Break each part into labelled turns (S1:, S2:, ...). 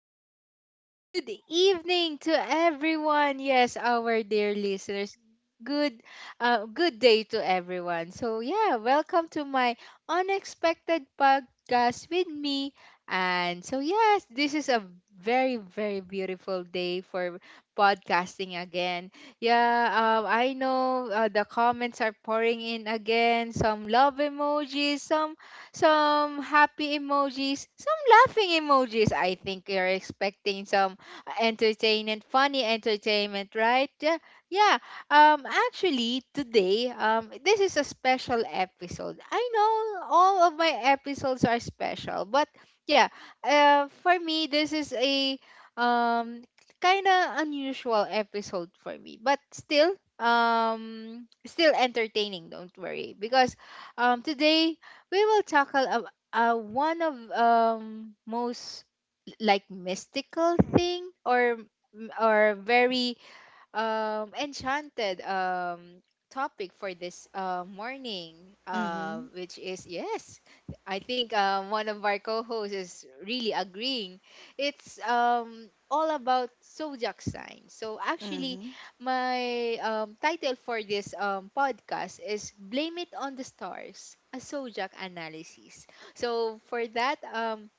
S1: afternoon, and good evening to everyone. Yes, our dear listeners. Good good day to everyone. So yeah, welcome to my unexpected podcast with me. And so yes, this is a very very beautiful day for podcasting again. Yeah, I know, the comments are pouring in again. Some love emojis, some happy emojis, some laughing emojis. I think you're expecting some entertainment, funny entertainment, right? Yeah. Yeah. Actually today, this is a special episode. I know all of my episodes are special, but yeah. For me, this is a um kind of unusual episode for me, but still entertaining, don't worry, because today we will tackle a one of most, like, mystical thing, or very enchanted topic for this, morning,
S2: Mm-hmm.
S1: which is, yes, I think one of our co-hosts is really agreeing. It's all about zodiac signs. So actually,
S2: Mm-hmm.
S1: my title for this podcast is Blame It on the Stars, a Zodiac Analysis. So for that,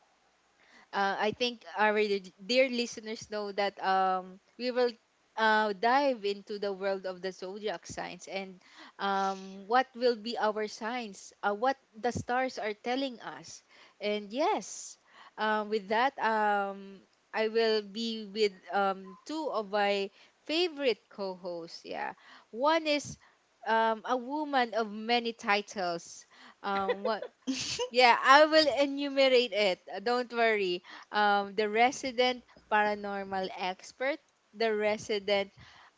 S1: I think our dear listeners know that, we will, dive into the world of the zodiac signs, and, what will be our signs, what the stars are telling us. And yes, with that, I will be with two of my favorite co hosts. Yeah. One is, a woman of many titles. What yeah, I will enumerate it. Don't worry. The resident paranormal expert, the resident,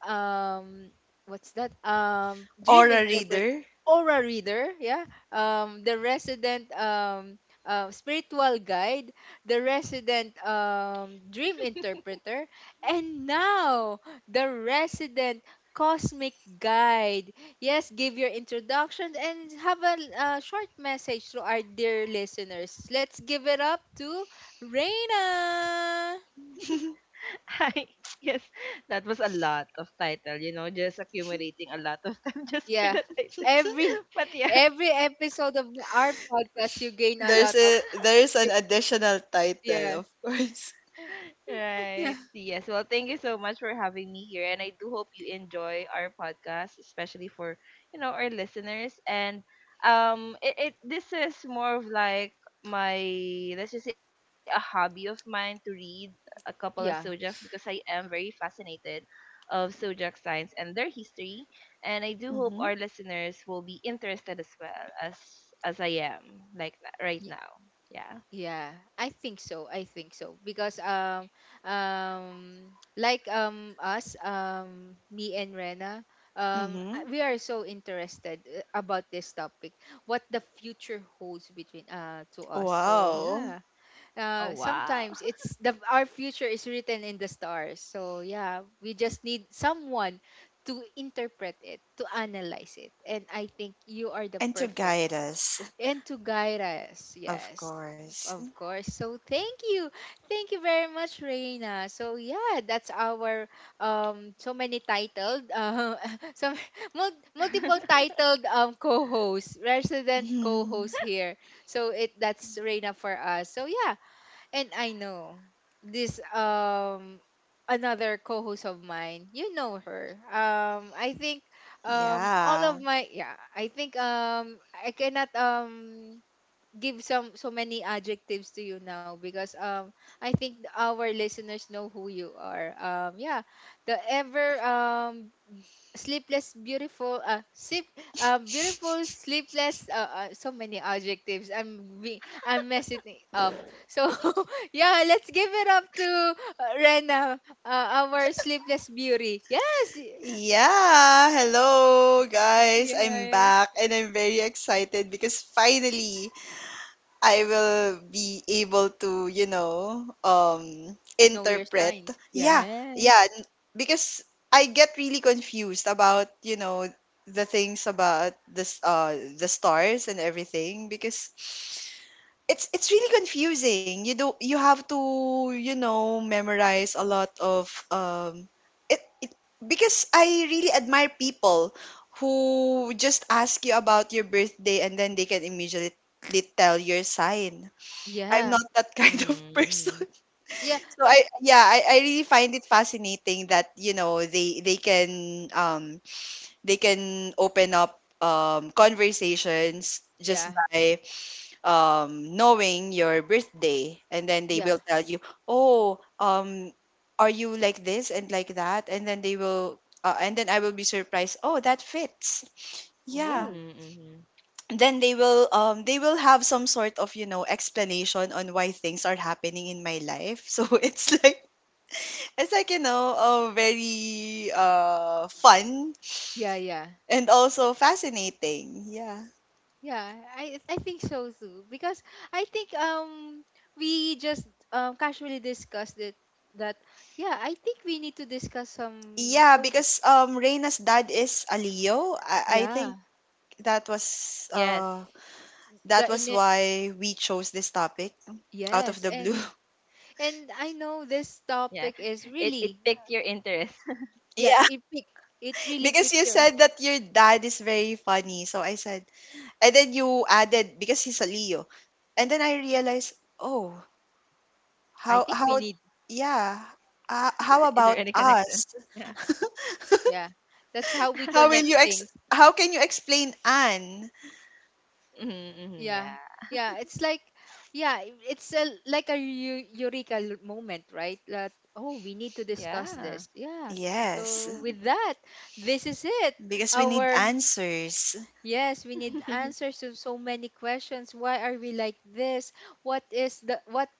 S1: um, what's that,
S2: Or
S1: dream
S2: a
S1: interpret,
S2: reader.
S1: aura reader. Yeah. The resident spiritual guide, the resident dream interpreter, and now the resident cosmic guide. Yes, give your introduction and have a, short message to our dear listeners. Let's give it up to Reina.
S3: Hi. Yes, that was a lot of title, just accumulating a lot of time just for
S1: Yeah.
S3: the title.
S1: Every
S3: But yeah,
S1: every episode of our podcast you gain a
S2: There's
S1: lot of,
S2: a there's
S1: yeah.
S2: an additional title, of course.
S3: right.
S1: Yeah.
S3: Yes. Well, thank you so much for having me here. And I do hope you enjoy our podcast, especially for, our listeners. And it, it this is more of like my, let's just say, a hobby of mine to read a couple of subjects
S1: Yeah.
S3: because I am very fascinated of zodiac signs and their history. And I do hope our
S2: Mm-hmm.
S3: listeners will be interested as well as I am, like, right now. Yeah.
S1: Yeah, I think so. I think so, because like, us, me and Rena,
S2: Mm-hmm.
S1: we are so interested, about this topic, what the future holds between to us. So
S2: Wow.
S1: yeah.
S3: Oh wow.
S1: Sometimes it's the our future is written in the stars. So yeah, we just need someone to interpret it, to analyze it. And I think you are the
S2: And to
S1: perfect,
S2: guide us,
S1: and to guide us.
S2: of
S1: Yes,
S2: course.
S1: of course. So thank you very much, Reina. So yeah, that's our so many titled, some multiple titled co-host, resident co-host
S2: Mhm.
S1: here. So it that's Reina for us. So yeah, and I know this, another co-host of mine. You know her. I think, all of
S2: Yeah.
S1: my yeah, I think I cannot give some so many adjectives to you now, because I think our listeners know who you are. Yeah, the ever sleepless beautiful, sleep beautiful sleepless, so many adjectives, I'm messing it up. So yeah, let's give it up to, Rena, our sleepless beauty. Yes.
S2: Yeah. Hello, guys. I'm
S1: Yes.
S2: back and I'm very excited because finally I will be able to,
S1: Know your
S2: interpret.
S1: signs.
S2: Yeah, yeah,
S1: Yes.
S2: n- because I get really confused about, you know, the things about this, the stars and everything because it's really confusing. You do you have to you know memorize a lot of it, it because I really admire people who just ask you about your birthday and then they can immediately tell your sign. I'm
S1: Yeah.
S2: not that
S3: Mhm,
S2: kind of
S3: mhm,
S2: person.
S1: Yeah,
S2: So I yeah, I really find it fascinating that, you know, they can they can open up conversations just
S1: yeah,
S2: by knowing your birthday, and then they will
S1: yeah.
S2: tell you, "Oh, are you like this and like that?" And then they will, and then I will be surprised. Oh, that fits. Yeah.
S3: mhm,
S1: Oh,
S3: mhm.
S2: Then they will have some sort of you know explanation on why things are happening in my life. So it's like you know, very fun
S1: yeah, yeah.
S2: and also fascinating. Yeah.
S1: Yeah, I think so too, because I think we just casually discussed it, that yeah, I think we need to discuss some.
S2: Yeah,
S1: So
S2: because Reina's dad is a Leo. I
S1: yeah.
S2: think that was
S3: Yes.
S2: uh that
S1: the in
S2: was why we chose this topic out of
S1: Yes.
S2: the blue.
S1: and
S3: Yeah. It
S1: and
S3: it
S1: I
S3: picked
S1: know
S3: your
S1: this
S3: interest.
S1: topic is really, yeah.
S2: Yeah,
S1: It really
S2: because you
S1: picture.
S2: said that your dad is very funny. So I said, and then you added because he's a Leo. And then I realized, oh,
S1: I think we
S2: how
S3: Is
S1: need,
S3: there any connection?
S2: yeah,
S3: Yeah.
S2: how about us?
S1: yeah. That's how we
S2: How will
S1: connect
S2: you ex
S1: things.
S2: how can you explain Anne?
S3: Mhm, mhm,
S1: Yeah.
S3: yeah.
S1: Yeah. It's like, yeah, it's a, like a eureka moment, right? That, oh, we need to discuss
S3: Yeah.
S1: this. Yeah.
S2: Yes,
S1: So, with that, this is it.
S2: because we need
S1: Our,
S2: answers.
S1: yes, we need answers to so many questions. Why are we like this? What is the, what,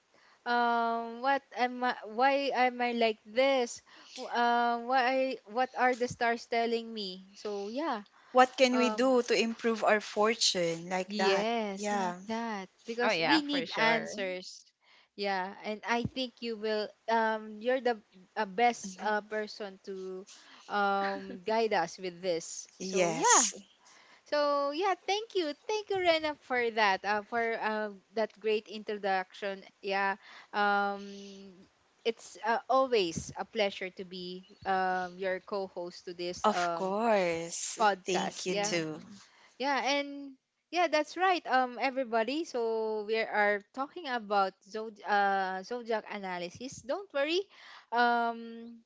S1: What am I, why am I like this? What are the stars telling me? So, yeah.
S2: What can we do
S1: Um,
S2: to improve our fortune like that?
S1: Yes, like
S2: Yeah.
S1: that.
S3: Oh
S1: Because
S3: yeah,
S1: we
S3: for
S1: need
S3: sure.
S1: answers. Yeah, and I think you will, you're the, best, person to guide us with this. So yeah.
S2: Yes.
S1: So yeah, thank you. Thank you, Rena, for that. For that great introduction. Yeah. Um it's, always a pleasure to be your co-host to this
S2: Of course. Thank
S1: podcast.
S2: you
S1: Yeah.
S2: too.
S3: Mhm.
S1: Yeah, and yeah, that's right. Everybody. So we are talking about zodiac analysis. Don't worry. Um,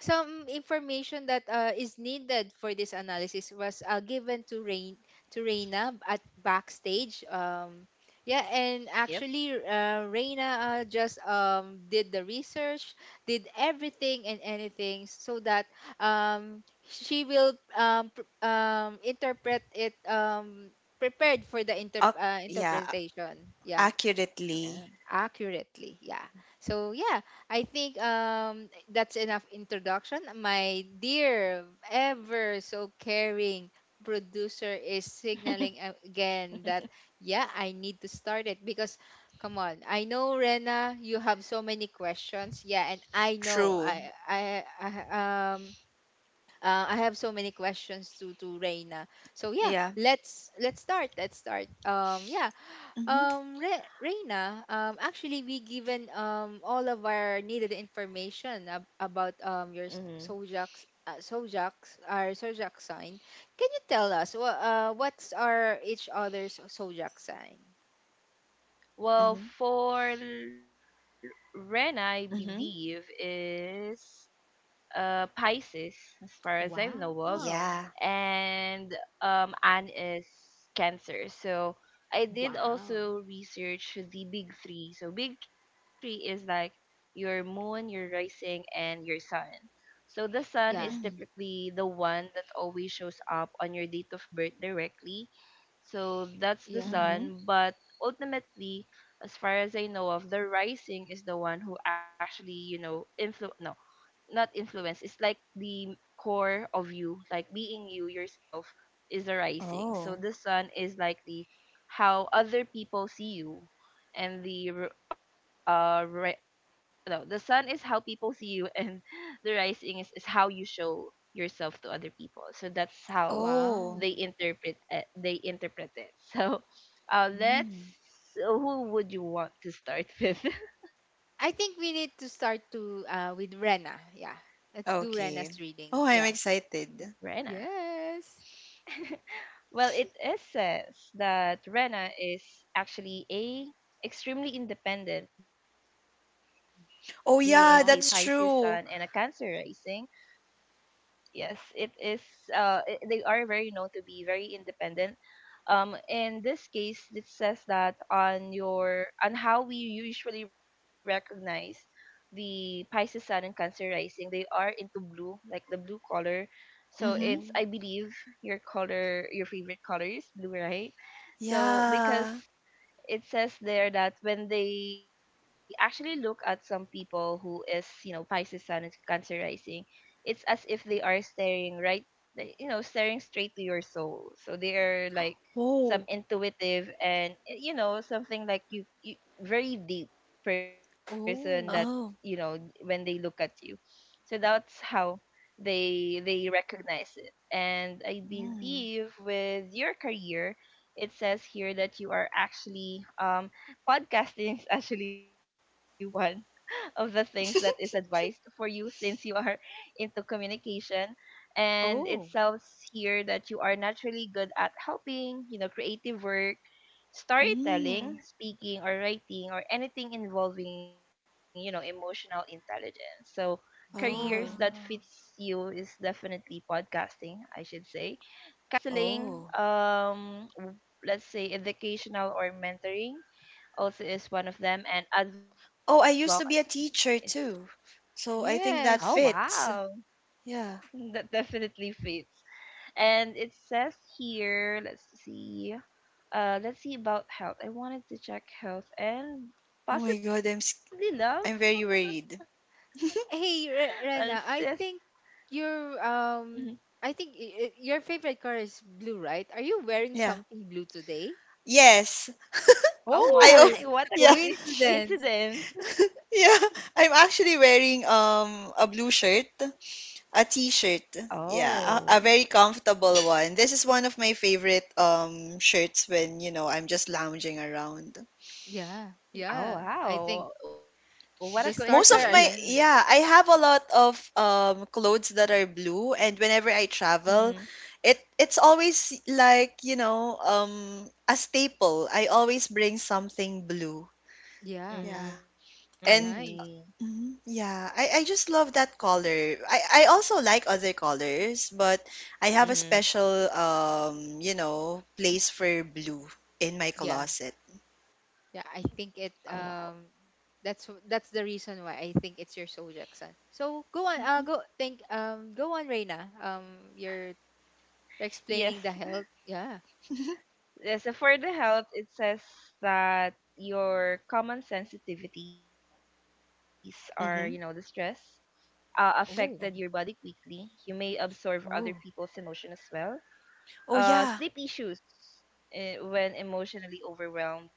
S1: some information that, is needed for this analysis was, given to Rain to Reina at backstage. Yeah, and
S3: Yep.
S1: actually, Reina, just, did the research, did everything and anything, so that, um, she will, interpret it, prepared for the
S2: Ac- yeah,
S1: interpretation. Yeah,
S2: accurately.
S3: Yeah.
S1: accurately, yeah. So yeah, I think that's enough introduction. My dear, ever so caring producer is signaling, again, that yeah, I need to start it. Because come on, I know, Rena, you have so many questions. Yeah, and I know,
S2: True.
S1: I I have so many questions to Rena. So yeah,
S2: Yeah.
S1: let's start, um, yeah.
S2: Mhm.
S1: Reina, actually, we given all of our needed information, about your s-
S3: Mhm.
S1: Sojak's Sojak's our Sojak sign. Can you tell us what, what's our each other's Sojak sign?
S3: Well,
S2: Mhm.
S3: for Ren, I believe
S2: Mhm.
S3: is Pisces, as far as I know of.
S1: Wow.
S2: Yeah.
S3: And Anne is Cancer. So I did
S1: Wow,
S3: also research the big three. So big three is like your moon, your rising, and your sun. So the sun is
S1: yeah,
S2: Mm.
S3: typically the one that always shows up on your date of birth directly. So that's the
S1: yeah.
S2: Mhm.
S3: sun, but ultimately, as far as I know of, the rising is the one who actually, you know, influ no, not influence, it's like the core of you, like being you yourself is arising. So
S2: Oh.
S3: the sun is like the how other people see you. And the no, the sun is how people see you, and the rising is how you show yourself to other people, so that's how
S1: Wow.
S2: Oh.
S3: they interpret it. So let's
S2: Mm.
S3: so who would you want to start with?
S1: I think we need to start to with Rena. Yeah, let's do
S2: Okay.
S1: Rena's reading.
S2: Oh,
S3: Rena.
S2: I'm
S1: Yeah.
S2: excited.
S1: Yes.
S3: Well, it is says that Rena is actually a extremely independent, being a Pisces sun and a Cancer
S2: Oh yeah,
S3: rising.
S1: Wow.
S2: that's true.
S3: Yes, it is. They are very known to be very independent. In this case it says that on your, on how we usually recognize the Pisces sun and Cancer rising, they are into blue, like the blue color. So it's,
S2: Mhm.
S3: I
S1: Wow.
S3: believe your color, your favorite color is blue, right? So because
S2: Yeah.
S3: it says there that when they actually look at some people who is, you know, Pisces sun and Cancer rising, it's as if they are staring right, like, you know, staring straight to your soul. So they are like some
S2: Oh.
S3: intuitive and, you know, something like you, very deep person that, you
S1: Oh.
S3: know,
S2: Oh.
S3: when they look at you. So that's how they recognize it. And I
S2: Mm.
S3: believe with your career, it says here that you are actually podcasting is actually one of the things that is advised for you, since you are into communication. And it
S1: Oh.
S3: sounds here that you are naturally good at helping, you know, creative work,
S2: Mm.
S3: storytelling, speaking or writing, or anything involving, you know, emotional intelligence. So careers that
S2: Oh.
S3: fits
S1: Wow.
S3: you is definitely podcasting, I should say. Counseling,
S2: Oh.
S3: let's say, educational or mentoring also is one of them, and advocacy
S2: Oh, I used to
S3: is.
S2: be a teacher too. So
S3: Oh
S2: I think that
S1: Yes.
S3: wow,
S2: fits. Yeah.
S3: that definitely fits. And it says here, let's see. Let's see about health. I wanted to check health and
S2: Oh my
S3: possibly
S2: god,
S3: love.
S2: I'm very worried.
S1: Hey,
S3: Well, it
S1: Rena,
S3: says.
S1: I think your,
S3: Mhm.
S1: I think, your favorite color is blue, right? Are you wearing
S2: Yeah.
S1: something blue today?
S2: Yes.
S3: Oh
S2: I
S3: my,
S2: oh,
S1: Oh,
S3: what
S1: that's a
S3: a
S2: yeah.
S1: coincidence.
S3: coincidence.
S2: Yeah. I'm actually wearing a blue shirt, a t-shirt. Yeah,
S3: Oh.
S2: a very comfortable one. This is one of my favorite shirts when, you know, I'm just lounging around.
S1: Yeah,
S3: Oh
S2: Yeah.
S1: yeah. I think
S3: wow. What a coincidence.
S1: the
S2: Most
S1: stars
S2: of
S1: are
S2: my
S1: aligning.
S2: yeah, I have a lot of clothes that are blue and whenever I
S3: Mm-hmm.
S2: travel, it's always like, you know, a staple. I always bring something blue.
S1: Yeah,
S3: Mm-hmm.
S2: Yeah.
S3: I see.
S2: And
S1: nice.
S2: mhm, yeah, I just love that color. I also like other colors, but I have a
S3: Mm-hmm.
S2: special you know, place for blue in my
S1: Yeah,
S2: closet.
S1: yeah. I think it.
S3: Oh wow.
S1: That's the reason why I think it's your Soul Jackson. So go on. Go think. Go on, Reina. You're explaining
S3: Yes.
S1: the health. Yeah.
S3: Yeah, so for the health, it says that your common sensitivities are, you know, the stress
S2: hmm
S3: affected your body
S1: Oh,
S2: Oh.
S3: quickly. You may absorb other
S2: Oh.
S3: people's emotion as well.
S2: Oh yeah,
S3: Sleep issues when emotionally overwhelmed.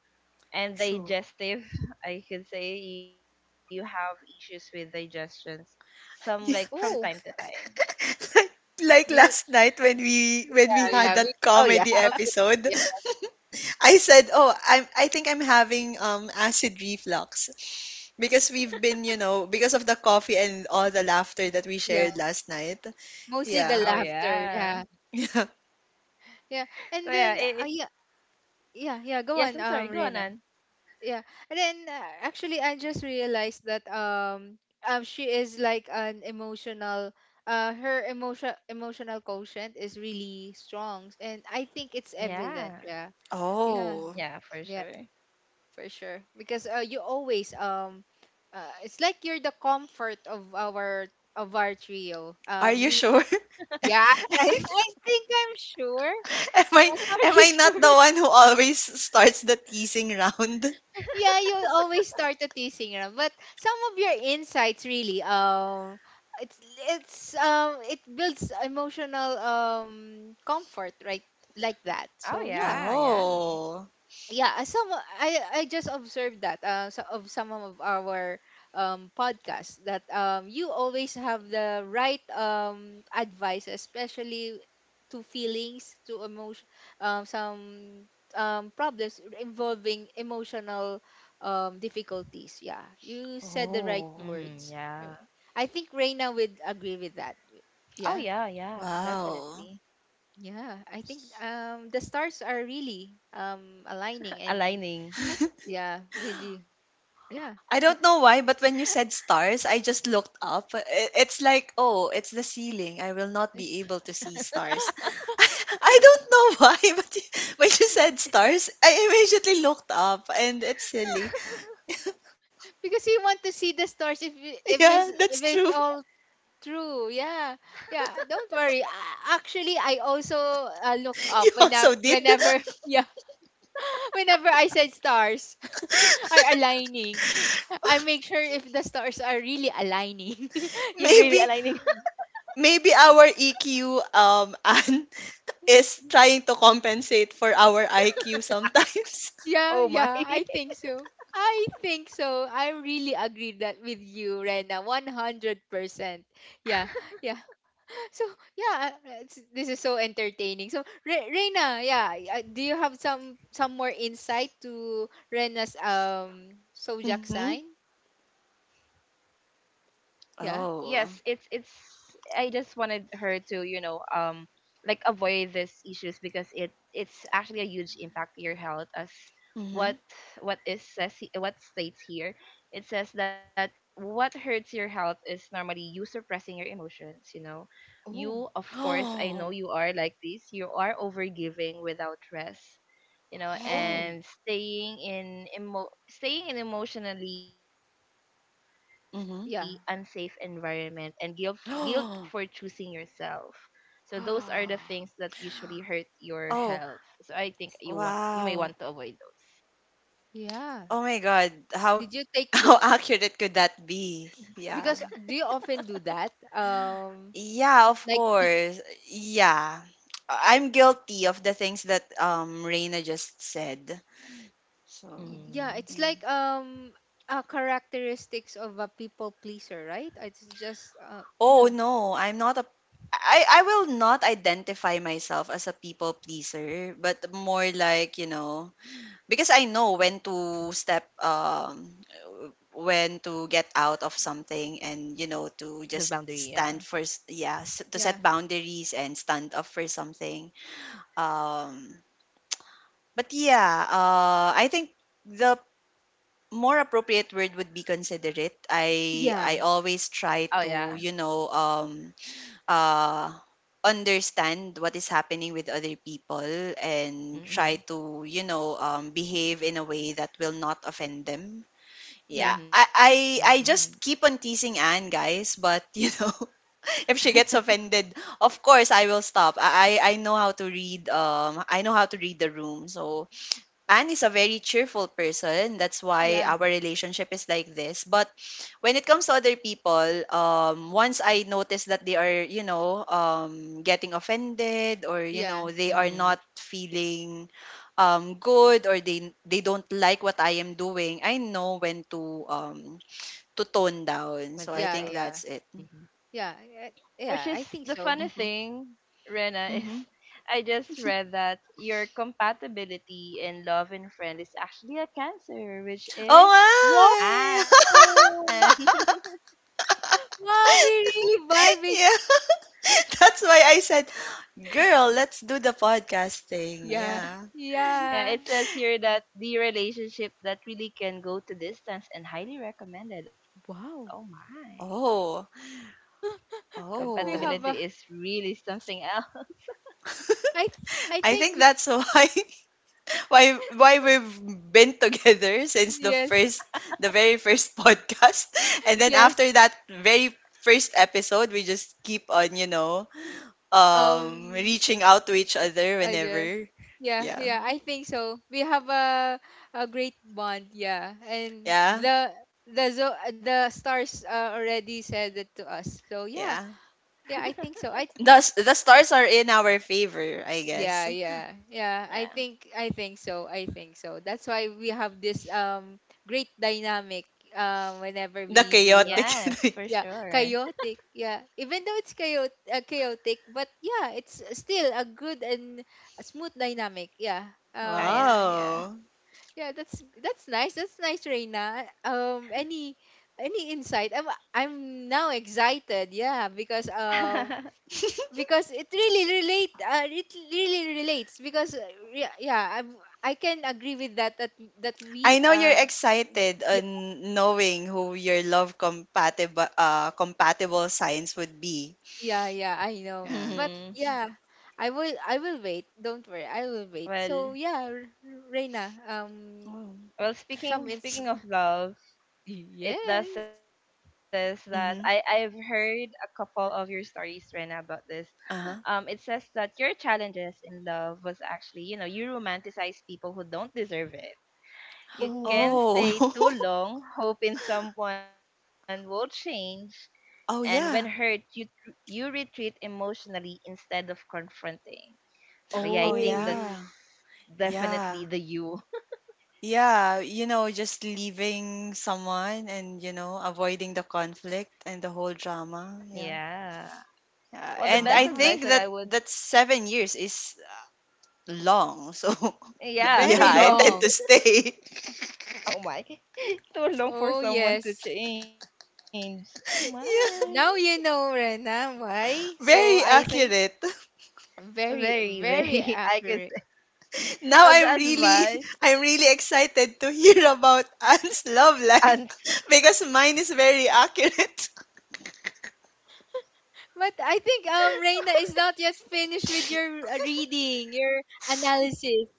S3: And
S2: true.
S3: digestive, I could say you have issues with digestions, some, like,
S2: Yeah.
S3: from time to
S1: oh,
S3: time.
S2: like, like
S1: do you,
S2: last night when we
S1: yeah,
S2: had
S1: yeah, we
S2: that
S1: could
S3: Oh yeah.
S2: comedy
S1: probably,
S2: episode,
S1: yeah,
S2: I said, "Oh, I think I'm having acid reflux." Because we've been, you know, because of the coffee and all the laughter that we
S1: yeah,
S2: shared last night.
S1: mostly the
S2: Yeah.
S3: Oh
S1: laughter,
S3: yeah,
S1: yeah, yeah,
S3: so
S1: and
S3: yeah,
S1: then,
S3: it—
S1: yeah, yeah, yeah, go
S3: yes,
S1: on,
S3: I'm sorry, go on,
S1: Rena,
S3: Ann.
S1: yeah, and then, actually, I just realized that, she is like an emotional, her emotional quotient is really strong, and I think it's
S3: Yeah,
S1: evident, yeah, yeah,
S2: Oh,
S3: yeah, for
S1: yeah,
S3: sure.
S1: for sure. Because, you always, it's like you're the comfort of our trio,
S2: are you
S1: you.
S2: sure?
S1: Yeah. I think I'm sure.
S2: am I
S1: Uh,
S3: Are
S2: am
S3: you
S2: I not
S3: sure?
S2: the one who always starts the teasing round?
S1: yeah, you always start the teasing around, but some of your insights really, it's it builds emotional comfort, right, like that,
S3: Oh
S1: so yeah.
S3: yeah, yeah.
S2: Oh.
S1: Yeah, I just observed that, of some of our podcasts, that you always have the right advice, especially to feelings, to emotion, some problems involving emotional difficulties. Yeah, you said
S3: Mm-hmm,
S1: the right
S2: Oh.
S3: yeah.
S1: words. I mean, I think Reina would agree with that.
S3: Oh yeah,
S1: Yeah,
S3: yeah, definitely.
S2: Wow.
S1: yeah, I think the stars are really aligning, and
S3: Aligning.
S1: yeah, really. Yeah.
S2: I
S1: Y-
S2: don't know why, but when you said stars, I just looked up. It's like, oh, it's the ceiling. I will not be able to see stars. I don't know why, when you said stars, I immediately looked up, and it's silly.
S1: Because you want to see the stars, if, if
S2: Yeah,
S1: it's
S2: that's
S1: if
S2: true.
S1: it's all true. Yeah. Yeah, don't worry. Actually, I also, look
S2: You
S1: up when
S2: also did.
S1: whenever, yeah, whenever I said stars are aligning, I make sure if the stars are really aligning.
S3: It really
S1: Yeah.
S3: aligning.
S2: Maybe, maybe our EQ, Anne, is trying to compensate for our IQ sometimes.
S1: Yeah,
S3: Oh my.
S1: yeah, I think so. I think so. I really agree that with you, Rena, 100%. Yeah. Yeah. So yeah, this is so entertaining. So, Reina, yeah, do you have some more insight to Rena's zodiac
S2: Mhm.
S1: sign?
S3: Yes, it's
S1: Yeah.
S3: I just
S2: Oh.
S3: wanted her to, you know, like, avoid these issues because it's actually a huge impact to your health as what,
S2: Mhm.
S3: what states here. It says that what hurts your health is normally you suppressing your emotions, you know,
S1: Oh,
S3: you, of course, I know
S2: Oh.
S3: you are like this, you are overgiving without rest, you know,
S1: oh,
S3: and staying in staying in emotionally unsafe environment and
S2: Mhm.
S1: yeah.
S3: guilt for choosing yourself.
S2: Oh,
S3: So those are the things that usually hurt your health. So I think you
S2: Oh.
S3: want, you may want to avoid those.
S2: wow.
S1: Yeah.
S2: Oh my God. How
S1: Did you take
S2: how
S1: those?
S2: accurate could that be? Yeah.
S1: Because do you often do that?
S2: Yeah, of
S1: Like,
S2: course. Yeah. I'm guilty of the things that Reina just said. So,
S1: yeah,
S3: Hmm.
S1: it's
S2: yeah.
S1: like, characteristics of a people pleaser, right? It's just,
S2: Oh
S1: yeah,
S2: no, I will not identify myself as a people pleaser, but more like, you know, because I know when to step when to get out of something and you
S3: The
S2: know to
S3: boundary,
S2: just
S3: yeah.
S2: stand for yeah to
S1: yeah.
S2: set boundaries and stand up for something um but yeah I think the more appropriate word would be considerate. I
S1: Yeah,
S3: Oh
S2: always
S3: yeah.
S2: try to you know uh, understand what is happening with other people and try
S3: Mhm.
S2: to you know behave in a way that will not offend them.
S1: yeah,
S2: Yeah,
S3: Mhm. Mhm.
S2: I just keep on teasing anne guys but you know if she gets offended of course I will stop I know how to read I know how to read the room. So Anne is a very cheerful person. That's why
S1: yeah,
S2: our relationship is like this. But when it comes to other people, once I notice that they are, you know, getting offended or, you
S1: yeah.
S2: know, they are
S3: Mhm.
S2: not feeling good or they don't like what I am doing, I know when to
S3: When to
S2: tone
S3: stop.
S2: down. So I
S1: Yeah,
S2: think
S1: yeah.
S2: that's
S3: Mhm.
S2: it.
S1: Yeah,
S3: Which is
S1: yeah, I
S3: the
S1: think
S3: funny
S1: so.
S2: Mm-hmm.
S3: thing, Rena, is,
S2: Mm-hmm.
S3: I just read that your compatibility in love and friend is actually a cancer, which is,
S1: Wow!
S2: Oh my!
S3: and
S1: Wow, we really vibing.
S2: Yeah. That's why I said, girl, let's do the podcast thing.
S1: Yeah.
S2: Yeah.
S3: yeah,
S1: Yeah.
S3: it says here that the relationship that really can go to distance and highly recommended. Oh my.
S1: Wow.
S2: Oh.
S1: We
S3: Compatibility
S1: have
S2: Oh.
S3: is
S1: a.
S3: really something else.
S1: I
S2: I
S1: think
S2: think
S1: we.
S2: that's why why we've been together since the
S1: Yes.
S2: first the very first podcast. And then
S1: Yes.
S2: after that very first episode we just keep on, you know,
S1: Um
S2: reaching out to each other
S1: I ju-
S2: whenever.
S1: yeah,
S2: Yeah.
S1: yeah, I think so. We have a great bond, yeah. And
S2: Yeah.
S1: the stars, already said it to us. So yeah.
S2: Yeah.
S1: Yeah, I think so. I
S2: The stars are in our favor, I guess.
S1: Yeah, yeah, yeah. I
S3: Yeah.
S1: think I think so. I think so. That's why we have this great dynamic, whenever
S2: The
S3: Yes,
S1: we do,
S3: for
S2: chaotic.
S3: sure.
S1: yeah, chaotic, yeah. Even though it's chaotic, but yeah, it's still a good and a smooth dynamic, yeah,
S3: Ah yeah, yeah.
S2: wow.
S1: yeah, that's nice, Reina. Any insight? I'm, now excited, yeah, because, because it really relates. Because, yeah, yeah, I can agree with that, that we,
S2: I know you're excited
S1: yeah,
S2: on knowing who your love compatible compatible signs would be.
S1: yeah, yeah, I know,
S2: Yeah.
S1: but
S3: Hmm.
S1: yeah, I will wait. Don't worry, I will wait. So
S3: Well,
S1: yeah, Reina,
S2: Oh.
S3: speaking
S1: some ins-
S3: speaking of love, it
S1: yes.
S3: does says that
S2: Mm-hmm.
S3: I've heard a couple of your stories, Rena, about this.
S2: Uh-huh.
S3: It says that your challenges in love was actually, you know, you romanticize people who don't deserve it. You
S1: Oh,
S3: can
S2: Oh.
S3: stay too long hoping someone will change, and when
S2: oh
S3: hurt,
S2: yeah.
S3: you you retreat emotionally instead of confronting. So yeah, I
S2: Oh
S3: think
S1: oh,
S3: that's
S1: you.
S2: yeah.
S3: definitely
S2: Yeah.
S3: the you.
S2: Yeah, you know, just leaving someone and you know, avoiding the conflict and the whole drama. Yeah.
S3: Yeah. Well, the
S2: Yeah,
S3: best
S2: and I
S3: advice
S1: Wow.
S3: that
S2: think
S3: I
S2: that
S3: would,
S2: that 7 years is long. So,
S3: yeah,
S2: yeah,
S3: too
S1: Very
S2: I
S3: long.
S2: tend to
S1: long.
S2: stay.
S3: Oh my. Too long for
S1: Oh,
S3: someone
S1: yes.
S3: to change. Oh my.
S2: yeah,
S1: Now you know, Reina, why. So
S2: very
S1: I think
S2: accurate.
S1: very,
S3: Very,
S1: very
S3: very. I could
S1: accurate.
S3: say.
S2: Now
S3: Well, the
S2: I'm really,
S3: advice.
S2: I'm really excited to hear about Anne's love
S3: And
S2: life because mine is very accurate.
S1: But I think Reina is not yet finished with your, reading, your analysis.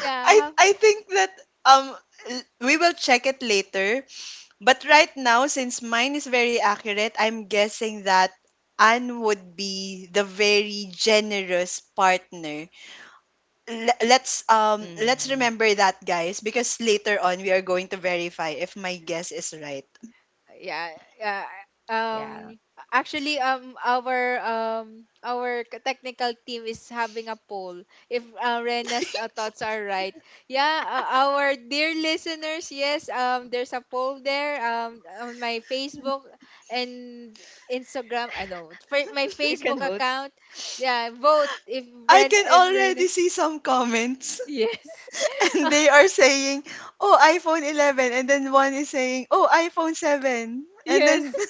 S1: Yeah, huh,
S2: I think that um we will check it later. But right now, since mine is very accurate, I'm guessing that Anne would be the very generous partner.
S3: mm,
S2: Let's remember that, guys, because later on we are going to verify if my guess is right.
S1: yeah,
S3: yeah,
S1: yeah. Um, actually, our technical team is having a poll. If Rena's thoughts are right, yeah, our dear listeners, yes, there's a poll there on my Facebook and Instagram. I know
S3: you
S1: for
S3: can
S1: my
S3: vote.
S1: Facebook account. Yeah, vote
S2: I can
S1: If
S2: already
S1: Ren
S2: see some comments.
S1: Yes.
S2: And
S1: Ah,
S2: they are saying, oh, iPhone 11. And then one is saying, oh, iPhone 7. And then,
S1: yes.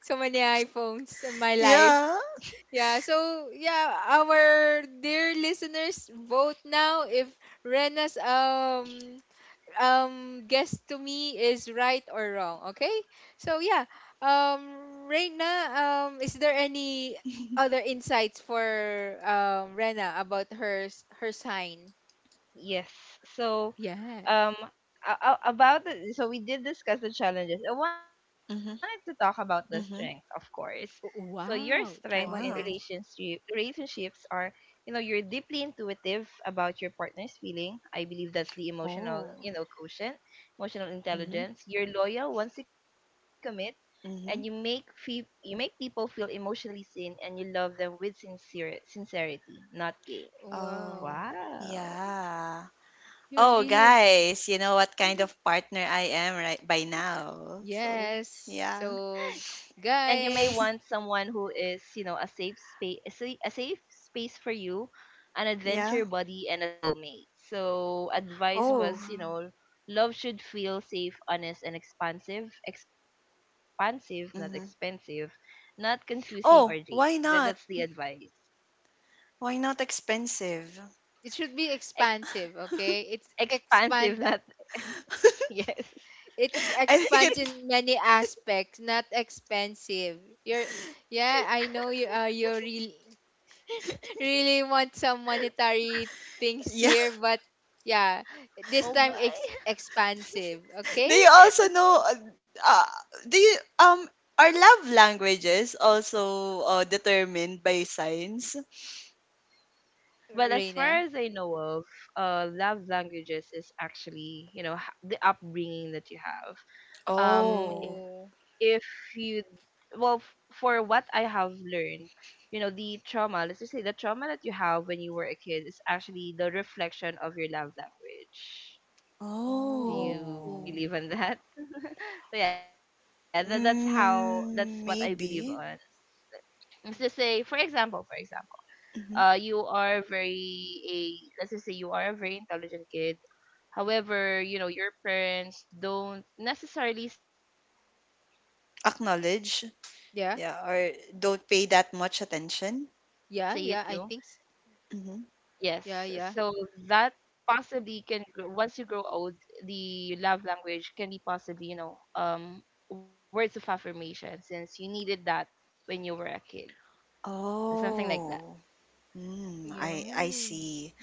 S1: So many iPhones in my life.
S2: yeah.
S1: Yeah, so yeah, our dear listeners, vote now if Rena's guess to me is right or wrong, okay? So yeah, um Rena, is there any other insights for Rena about her sign?
S3: Yes. So,
S1: Yeah.
S3: um, about the, so we did discuss the challenges. I wanted to talk about
S2: Mm-hmm,
S3: the strength, of course.
S2: mm-hmm.
S3: So your
S1: W-
S3: strength in
S1: Wow, I want this.
S2: Wow.
S3: relationships are, you know, you're deeply intuitive about your partner's feeling. I believe that's the emotional,
S2: Oh.
S3: you know, quotient, emotional intelligence. You're loyal once you commit, and you make
S2: Mm-hmm,
S3: you make people feel emotionally seen, and you love them with sincere sincerity, not game.
S1: Wow.
S2: Oh,
S3: Wow.
S2: yeah.
S1: You're
S2: Oh,
S1: really
S2: guys, you know what kind of partner I am right by now. So,
S1: Yes.
S2: yeah.
S1: So,
S3: And you may want
S1: guys,
S3: someone who is, you know, a safe space, a a safe space for you, an adventure
S2: Yeah.
S3: buddy, and a soulmate. So advice
S2: Oh.
S3: was, you
S1: wow.
S3: know, love should feel safe, honest, and expansive, not expensive,
S2: hmm
S3: not confusing or
S2: Oh,
S3: draining.
S2: why
S3: That's the
S2: not?
S3: advice.
S2: Why not expensive?
S1: It should be
S3: Ex-
S1: expansive, okay? It's expand
S3: Expansive, not, yes.
S1: it's
S2: I think
S1: expands
S2: it
S1: in many aspects, not expensive. You're yeah, I know you really really want some monetary things
S2: Yeah.
S1: here, but yeah, this
S3: Oh
S1: time it's
S3: my.
S1: expansive, okay?
S2: Do you also know uh, do you are love languages also determined by signs?
S3: Well, as
S1: Reina.
S3: far as I know of, love languages is actually, you know, the upbringing that you have.
S2: Oh.
S1: Oh.
S3: Um if you well, for what I have learned, you know, the trauma, let's just say, the trauma that you have when you were a kid is actually the reflection of your love language.
S1: Oh.
S3: Do
S2: Oh.
S3: you believe in that? So yeah, that's how, that's
S2: Mm,
S3: what I believe
S2: maybe.
S3: on. Let's just say, for example,
S2: Mhm.
S3: you are very a, let's just say, you are a very intelligent kid. However, you know, your parents don't necessarily say it to you. Like, they're not saying your pri-
S2: Acknowledge.
S3: they
S1: Yeah.
S2: Yeah,
S3: yeah, they're
S2: or
S3: not
S2: don't pay
S3: acknowledging
S2: that
S3: you.
S2: much attention.
S1: Yeah, yeah, I think
S3: Yes.
S1: s-
S3: So
S2: Hmm
S3: that
S1: yeah, yeah.
S3: possibly can grow once you grow old, the love language can be possibly, you know, words of affirmation since you needed that when you were a kid. Something like that.
S2: Oh. Mm,
S1: Yeah.
S2: I see.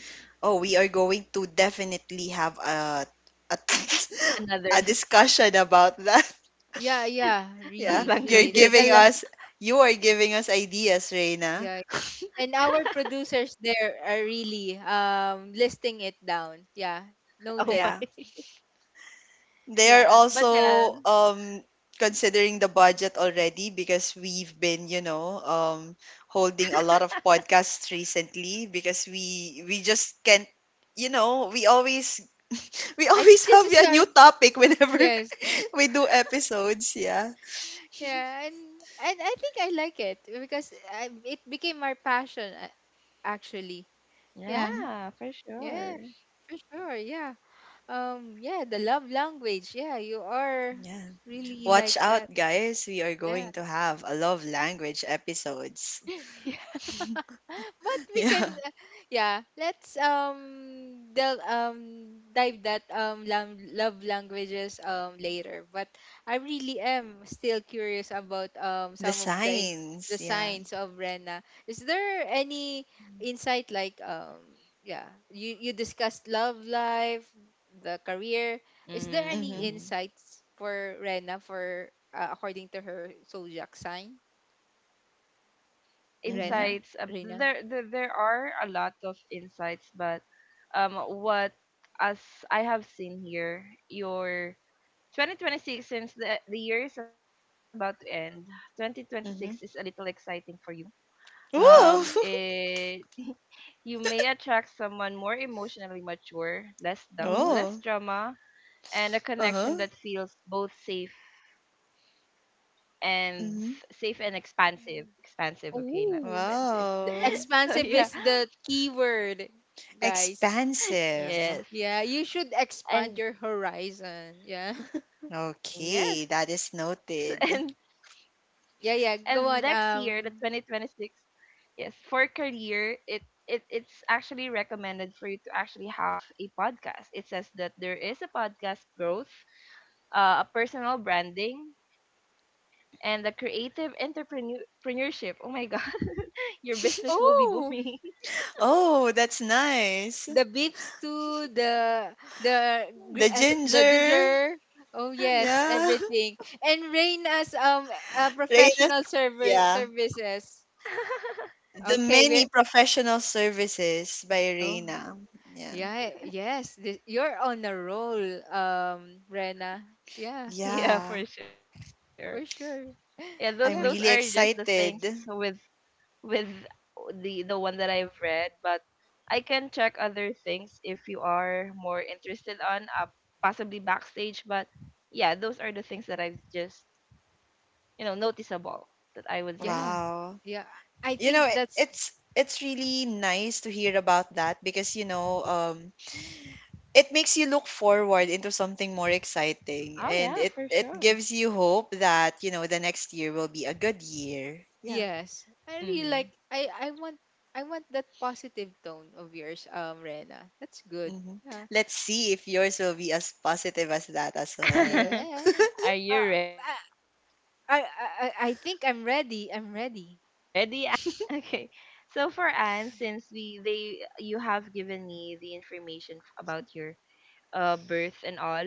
S2: Oh, we are going to definitely have a, a discussion
S3: Another,
S2: about that.
S1: Yeah, yeah,
S3: love
S2: Yeah.
S1: really,
S2: You're
S1: really.
S3: languages.
S2: giving us you are giving us ideas, Reina.
S1: Yeah. And our producers there are really listing it down. Yeah, noted.
S2: Yeah.
S3: Oh my.
S2: They are
S1: Yeah.
S2: also
S3: But yeah.
S2: considering the budget already because we've been, you know, holding a lot of podcasts recently because we just can't, you know, we always we
S1: I
S2: always
S1: think this
S2: have
S1: is
S2: a
S1: our
S2: new topic whenever
S1: yes.
S2: we do episodes, yeah.
S1: Yeah, and I think I like it because it became our passion actually. Yeah.
S2: hmm
S3: Yeah, for
S1: Yeah.
S3: sure.
S1: For sure. Yeah. Yeah, the love language. Yeah, you are
S2: Yeah.
S1: really like
S2: Watch
S1: that.
S2: out guys, we are
S1: Yeah.
S2: going to have a love language episodes.
S1: Yeah. But we can
S2: Yeah.
S1: yeah, let's dive that love languages later, but I really am still curious about
S2: The
S1: some of the the
S2: signs, yeah.
S1: signs of Rena. Is there any insight like yeah, you discussed love life, the career. Is there
S3: Mm-hmm,
S1: any
S2: Mhm.
S3: mm-hmm.
S1: insights for Rena for according to her zodiac sign?
S3: Insights,
S2: Mhm.
S1: rena rena
S3: there are a lot of insights. But um what as I have seen here, your 2026, since the year is about to end, 2026 is a little
S2: Mhm.
S3: exciting for you.
S2: Woo!
S1: Ooh.
S3: It You may attract someone more emotionally mature, less
S1: Ooh.
S3: less
S2: Oh,
S3: drama, and a
S2: uh-huh.
S3: connection that feels both safe and,
S2: hmm
S3: expansive. Expansive, okay, not expensive.
S1: Ooh! The
S3: So
S2: Wow.
S3: yeah,
S1: expansive is the keyword, guys.
S2: Expansive.
S3: yes,
S1: Yeah, you should
S3: and
S1: expand your horizon. Yeah.
S2: Okay,
S3: yes,
S2: that is
S3: and
S2: noted.
S3: and
S1: Yeah, yeah.
S3: next
S1: Go
S3: year,
S1: on.
S3: the twenty twenty six, yes, for career, it it's actually recommended for you to actually have a podcast. It says that there is a podcast growth, a personal branding, and the creative entrepreneurship. Oh my god, your business will be booming.
S1: Oh,
S2: Oh, that's nice.
S1: the beefs too. The
S2: The
S1: as the
S2: ginger.
S1: ginger. Oh yes,
S2: Yeah.
S1: everything. And Rain as a
S2: Reina.
S1: professional server
S2: Yeah.
S1: services.
S2: The
S1: Okay,
S2: many
S1: we're.
S2: professional services by
S1: Oh.
S2: Reina. Yeah.
S1: Yeah, yes, this, you're on a roll, Rena. Yeah,
S3: Yeah, for
S2: Yeah.
S3: sure.
S1: for
S3: Yeah,
S1: sure.
S3: those are
S2: I'm
S1: Yeah,
S3: just the
S2: really
S3: things with
S2: excited.
S3: with the one that I've read. But I can check other things if you are more interested on, possibly backstage. But yeah, those are the things that I've just, you know, noticeable, that I would say.
S1: yeah,
S2: Wow.
S1: yeah. I
S2: You know,
S1: think
S2: it-
S1: that's
S2: it's really nice to hear about that because you know, it makes you look forward into something more exciting
S3: Oh
S2: and
S3: yeah, for
S2: it
S3: sure.
S2: gives you hope that you know the next year will be a good year. Yeah.
S1: yes. I
S3: Mm-hmm.
S1: really like. I want I want that positive tone of yours, Rena. That's good.
S2: hmm
S1: Yeah,
S2: Let's see if yours will be as positive as that as well.
S1: yeah.
S3: Are
S1: Uh,
S3: you ready?
S1: I I I think I'm ready. I'm ready.
S3: Okay. So for Anne, since we they you have given me the information about your, birth and all.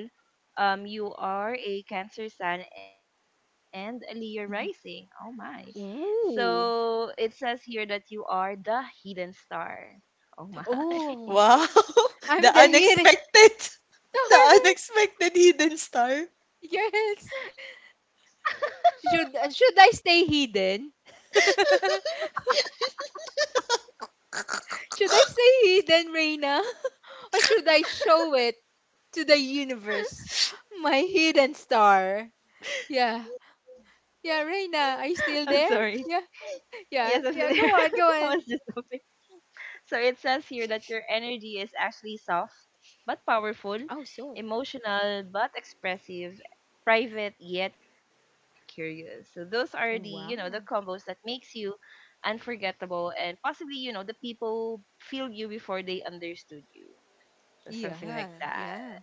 S3: You are a Cancer sun and a Leo
S2: Mhm.
S3: rising. Oh my!
S1: Ooh,
S3: So it says here that you are the hidden star. Oh my!
S1: oh,
S2: Wow.
S1: I'm
S2: The
S1: the hidden
S2: unexpected
S1: star.
S2: the unexpected hidden star.
S1: Yes. Should I stay hidden? Should I say hidden, Reina? Or should I show it to the universe? My hidden star. Yeah. Yeah, Reina, are
S3: I'm
S1: you still
S3: sorry.
S1: there? Yeah.
S3: Yes, I'm
S1: Yeah.
S3: still
S1: Yeah.
S3: there.
S1: Go on, go
S3: I was
S1: on.
S3: just laughing. So it says here that your energy is actually soft but powerful,
S1: Oh, so.
S3: emotional but expressive, private yet curious. So those are the
S1: Oh,
S3: combos that
S1: wow.
S3: makes you unforgettable and possibly, you know, the people feel you before they understood you. So something like
S1: Yeah.
S3: that.
S1: Yeah.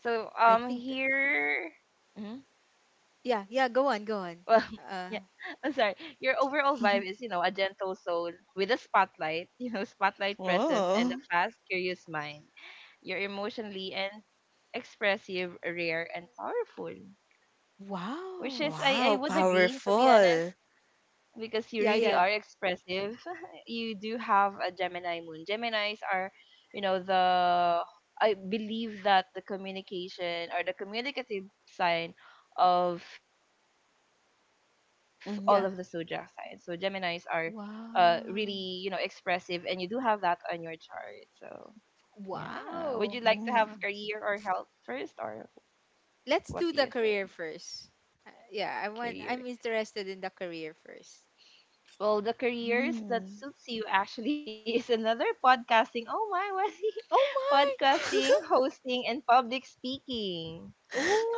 S3: So
S1: I think that,
S3: here hmm?
S1: yeah, yeah, go
S3: Well,
S1: on, go on.
S3: yeah. I'm
S1: Uh
S3: sorry. Your overall vibe is, you know, a gentle soul with a spotlight, you know, spotlight presence and a
S2: Oh
S3: fast, curious mind. You're emotionally and expressive, rare, and powerful. Which is, I would
S1: wow.
S3: agree, to
S2: wow,
S3: be honest,
S2: powerful.
S3: because you really
S1: Yeah,
S3: are
S1: yeah,
S3: expressive. You do have a Gemini moon. Geminis are, you know, the I believe, that the communication or the communicative sign of all of the zodiac signs. So Geminis
S2: Hmm
S3: are
S1: yeah.
S3: really, you know, expressive, and you
S1: Wow.
S3: do have that on your chart. So, yeah. Would you like to have
S1: Wow.
S3: career or health first, or what
S1: Let's
S3: do you
S1: do the
S3: think?
S1: career first. Yeah, I want
S3: Career.
S1: I'm interested in the career first.
S3: Well, the careers that
S2: Mhm.
S3: suits you actually is another podcasting. Oh my, Wesley.
S1: Oh my!
S3: Podcasting, hosting, and public speaking.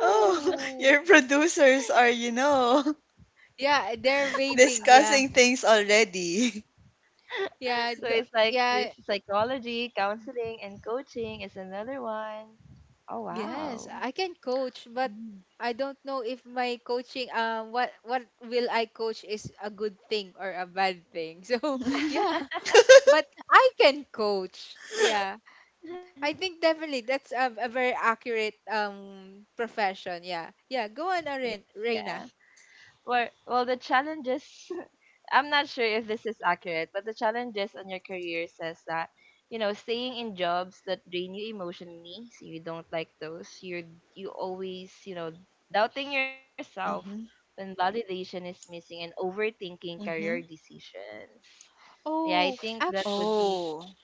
S2: Oh, your producers are, you know,
S1: Yeah, they're waving. Yeah.
S2: discussing things already.
S1: Yeah.
S3: So
S1: th-
S3: it's like this
S1: Yeah.
S3: psychology, counseling, and coaching is another one. Oh
S1: Yes,
S3: wow.
S1: I can coach, but
S2: Mm.
S1: I don't know if my coaching what will I coach is a good thing or a bad thing. So, yeah, but I can coach. Yeah. I think definitely that's a very accurate profession. Yeah. Yeah, go on,
S3: yeah.
S1: Reina.
S3: Well, the challenges I'm not sure if this is accurate, but the challenges on your career says that, you know, staying in jobs that drain you emotionally, so you don't like those, you're you always, you know, doubting yourself
S2: Mhm.
S3: when validation is missing and overthinking career
S2: Mhm.
S3: decisions. Yeah, I
S1: Oh,
S3: think that would be
S1: actually,
S2: Oh,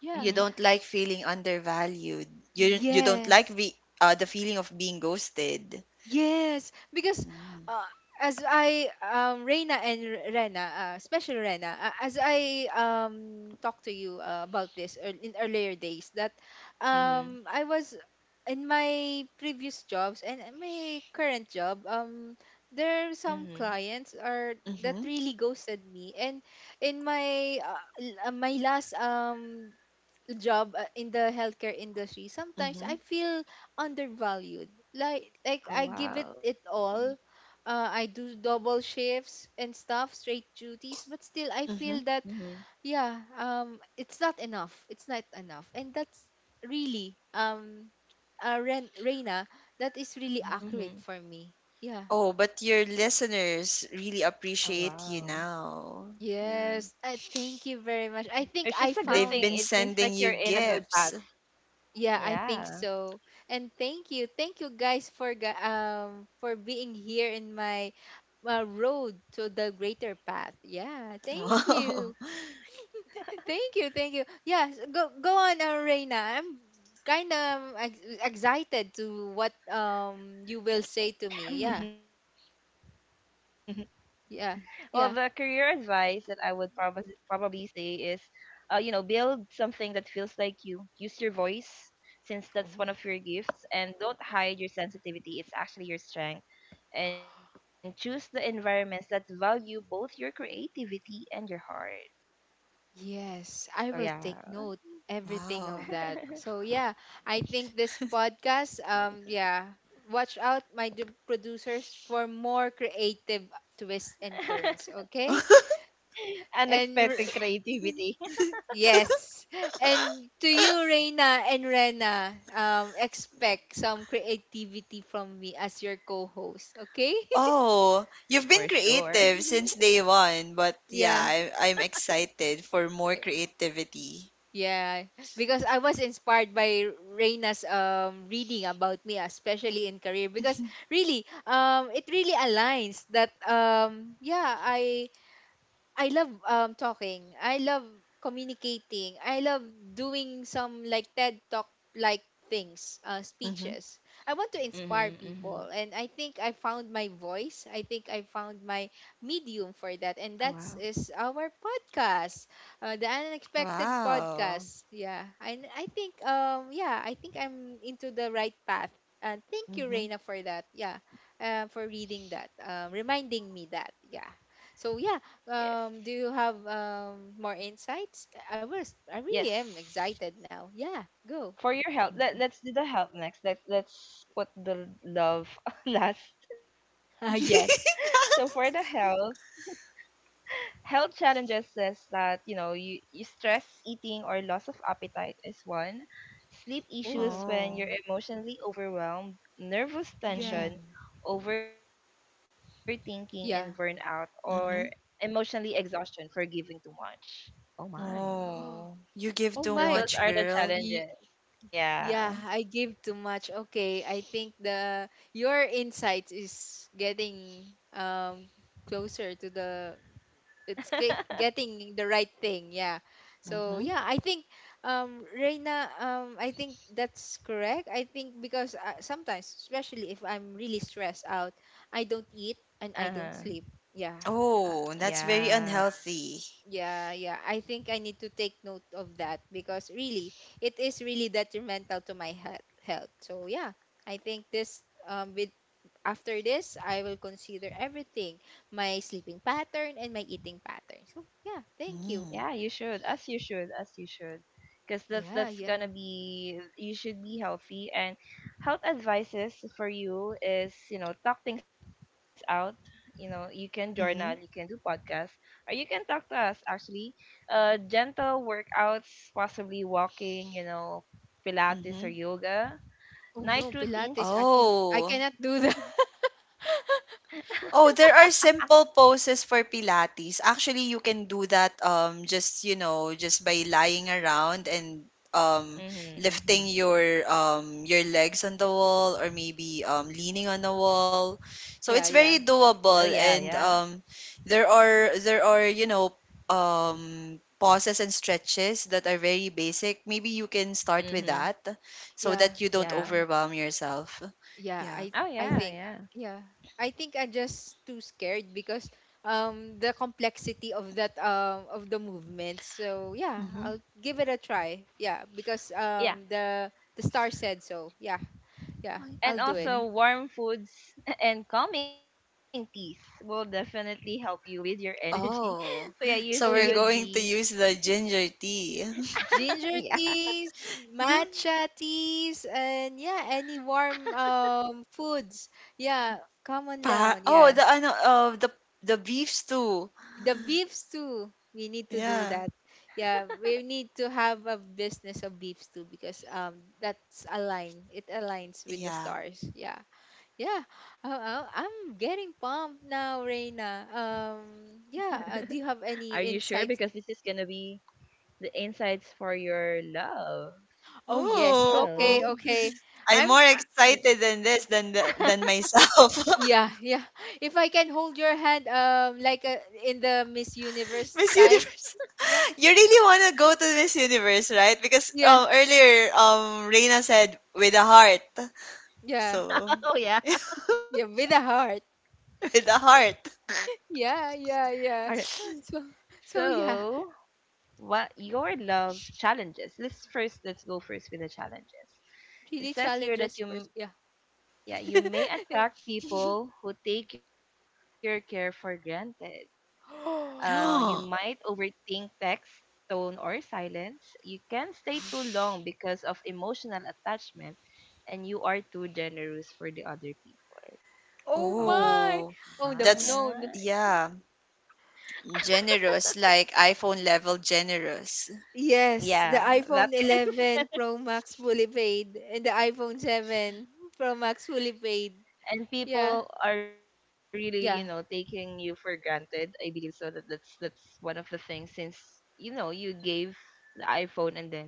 S1: yeah.
S2: you don't
S3: mhm.
S2: like feeling undervalued. You don't like
S1: Yes.
S2: the feeling of being ghosted.
S1: Yes, because
S2: Mm.
S1: uh, as I Reina and Rena, especially Rena, as I talked to you about this in earlier days that I
S3: Mhm.
S1: was in my previous jobs and in my current job, there are some
S3: Mhm.
S1: clients are that
S2: Mhm.
S1: really ghosted me, and in my my last job in the healthcare industry, sometimes I
S2: Mhm.
S1: feel undervalued. Like I give it
S3: Oh
S1: it
S3: wow.
S1: all. I do double shifts and stuff, straight duties, but still I feel
S2: Mhm.
S1: that
S3: Mhm.
S1: yeah, it's not enough. It's not enough, and that's really Reina, that is really
S2: Mhm.
S1: accurate for me.
S3: Mhm.
S1: Yeah.
S2: Oh, but your
S3: Oh
S2: listeners really
S3: wow.
S2: appreciate you now. Yeah.
S1: Yes, I thank you very much. I think
S3: It's
S1: I
S3: just a good
S2: They've
S3: thing.
S1: found
S2: been
S3: It means
S2: sending
S3: like
S2: you
S3: you're in a good
S2: gifts.
S3: path.
S1: Yeah, I think so.
S3: Yeah.
S1: And thank you. Thank you guys for for being here in my road to the greater path. Yeah, thank you.
S2: Oh,
S1: Thank you. Thank you. Yeah, go on, Reina. I'm kind of excited to what you will say to me. Yeah.
S3: Well, the career
S1: Yeah. Yeah.
S3: advice that I would probably say is, you know, build something that feels like you. Use your voice, since
S1: Oh.
S3: that's one of your gifts, and don't hide your sensitivity. It's actually your strength. And choose the environments that value both your creativity and your heart.
S1: Yes, I will take
S3: So
S1: note
S3: yeah,
S1: everything
S2: wow.
S1: of that. So yeah, I think this podcast yeah, watch out my producers for more creative twists and turns, okay? And
S3: unexpected creativity
S1: yes. And to you Reina and Rena, expect some creativity from me as your co-host, okay?
S2: Oh,
S3: for
S2: you've been
S3: sure.
S2: creative since day one, but yeah,
S1: Yeah.
S2: I'm excited for more creativity.
S1: Yeah, because I was inspired by Reina's reading about me, especially in career. Because really, it really aligns that yeah, I love talking. I love communicating. I love doing some like TED Talk like things,
S2: Mm-hmm.
S1: speeches. I want to inspire
S3: Mm-hmm,
S1: people,
S3: mm-hmm.
S1: and I think I found my voice. I think I found my medium for that,
S3: Oh
S1: and that's
S3: wow.
S1: is our podcast, the Unexpected
S2: Wow.
S1: Podcast. Yeah, and I think yeah, I think I'm into the right path. And thank you,
S2: Mm-hmm.
S1: Reina, for that. Yeah, for reading that, reminding me that. Yeah. So yeah,
S3: Yes.
S1: do you have more insights? I was I really am
S3: Yes.
S1: excited now. Yeah, go.
S3: For your help, let's do the help next. Let's put the love last.
S1: Ah,
S3: So for the
S1: yes.
S3: health, health challenges is that you know you, you stress eating or loss of appetite is one, sleep issues
S1: Oh,
S3: when
S2: Oh.
S3: you're emotionally overwhelmed, nervous
S1: yeah.
S3: tension,
S2: Mm.
S3: overthinking and burnout,
S1: Yeah.
S3: or emotionally
S2: Mm-hmm.
S3: exhaustion for giving too much. Oh my.
S1: Oh.
S2: Oh, you give
S3: So
S1: Oh
S2: too
S3: those
S1: my.
S3: are
S2: much,
S3: the
S2: girl.
S3: challenges.
S1: Y-
S3: Yeah.
S1: Yeah, I give too much. Okay, I think the your insights is getting um closer to the getting the right thing, yeah. So
S2: Mm-hmm.
S1: yeah, I think Reina, I think that's correct. I think because sometimes, especially if I'm really stressed out, I don't eat
S3: Uh-huh.
S1: and I don't sleep. Yeah. uh,
S2: Oh, that's very
S3: Yeah.
S2: unhealthy.
S1: yeah, yeah, I think I need to take note of that because really it is really detrimental to my health. So yeah, I think this with after this I will consider everything, my sleeping pattern and my eating pattern. So yeah, thank
S3: Yeah,
S1: you.
S3: you
S2: Mm.
S3: should. As you should. As you should. Because that's
S1: Yeah,
S3: gonna
S1: yeah.
S3: be you should be healthy. And health advices for you is, you know, talk things out. You know, you can journal, you can do
S2: Mm-hmm.
S3: podcasts, or you can talk to us actually. Uh, gentle workouts, possibly walking, you know, Pilates or
S2: Mm-hmm.
S3: yoga.
S1: Oh no,
S3: Night routines.
S1: Pilates. I can I
S2: Oh,
S1: cannot do that.
S2: Oh, there are simple poses for Pilates. Actually, you can do that just, you know, just by lying around and um
S3: Mhm,
S2: lifting
S3: mhm.
S2: your legs on the wall or maybe leaning on the wall. So it's
S1: Yeah,
S3: Oh
S2: very
S1: yeah.
S3: yeah, yeah.
S2: doable and there are you know, poses and stretches that are very basic. Maybe you can start with
S3: Mhm.
S2: that so
S1: Yeah.
S2: that you don't
S3: Yeah.
S2: overwhelm yourself.
S1: Yeah,
S2: Yeah.
S1: I
S3: Oh
S1: I
S3: yeah,
S1: think
S3: yeah.
S1: yeah. I think I'm just too scared because the complexity of that of the movement. So, yeah,
S2: Mhm.
S1: I'll give it a try. Yeah, because
S3: Yeah.
S1: the star said so. Yeah. Yeah,
S3: And
S1: I'll do it.
S2: Mhm.
S3: also, warm foods and calming teas will definitely help you with your energy. So, yeah,
S2: Oh,
S3: you
S2: so
S1: Oh
S3: should
S2: we're
S1: yeah,
S2: going
S3: be.
S2: to use the ginger tea.
S1: ginger
S3: Yeah.
S1: teas, matcha teas, and yeah, any warm foods. Yeah, come on
S2: Pa
S1: down.
S2: oh,
S1: Yeah,
S2: the ano, the beef stew.
S1: the beefs too. We need to do
S2: Yeah,
S1: that. Yeah, we need to have a business of beefs too because that's aligned. It aligns with the
S2: yeah.
S1: stars. Yeah, yeah. Oh, oh, I'm getting pumped now, Reina. Yeah. Do
S3: Are
S1: you
S3: you
S1: have
S3: sure?
S1: any
S3: Because this is
S1: insights?
S3: going to be the insights for your love.
S1: Oh yes.
S2: Oh,
S1: Okay,
S3: So,
S1: okay.
S2: I'm
S1: I'm.
S2: more excited than this than than myself.
S1: Yeah, yeah. If I can hold your hand, like in the Miss Universe
S2: Miss
S1: type.
S2: Universe.
S1: Yeah,
S2: You really want to go to Miss Universe, right? Because
S1: yeah,
S2: earlier Reina said with a heart.
S1: yeah,
S2: So
S3: oh, yeah.
S1: yeah. With a heart.
S2: with a heart.
S1: Yeah, yeah,
S3: All right.
S1: yeah. So, so yeah,
S3: So, what your love challenges? Let's go first with the challenges. It
S1: really
S3: says here that
S1: challenges
S3: you,
S1: first. Yeah.
S3: yeah, you may attract people who take your care for granted. You
S1: Oh,
S3: might overthink text, tone, or silence. You can stay too long because of emotional attachment, and you are too generous for the other people.
S1: oh
S3: Oh my.
S1: my!
S2: Oh,
S1: Oh no,
S2: that's.
S1: no, no.
S2: Yeah. Generous, like iPhone level generous.
S1: Yes, the
S3: Yeah, that
S1: iPhone
S3: kind of.
S1: 11 Pro Max fully paid and the iPhone 7 Pro Max fully paid.
S3: And
S1: Yeah,
S3: people are really, you know, taking
S1: yeah,
S3: you for granted, I believe. So that's one of the things. Since, you know, you gave the iPhone and then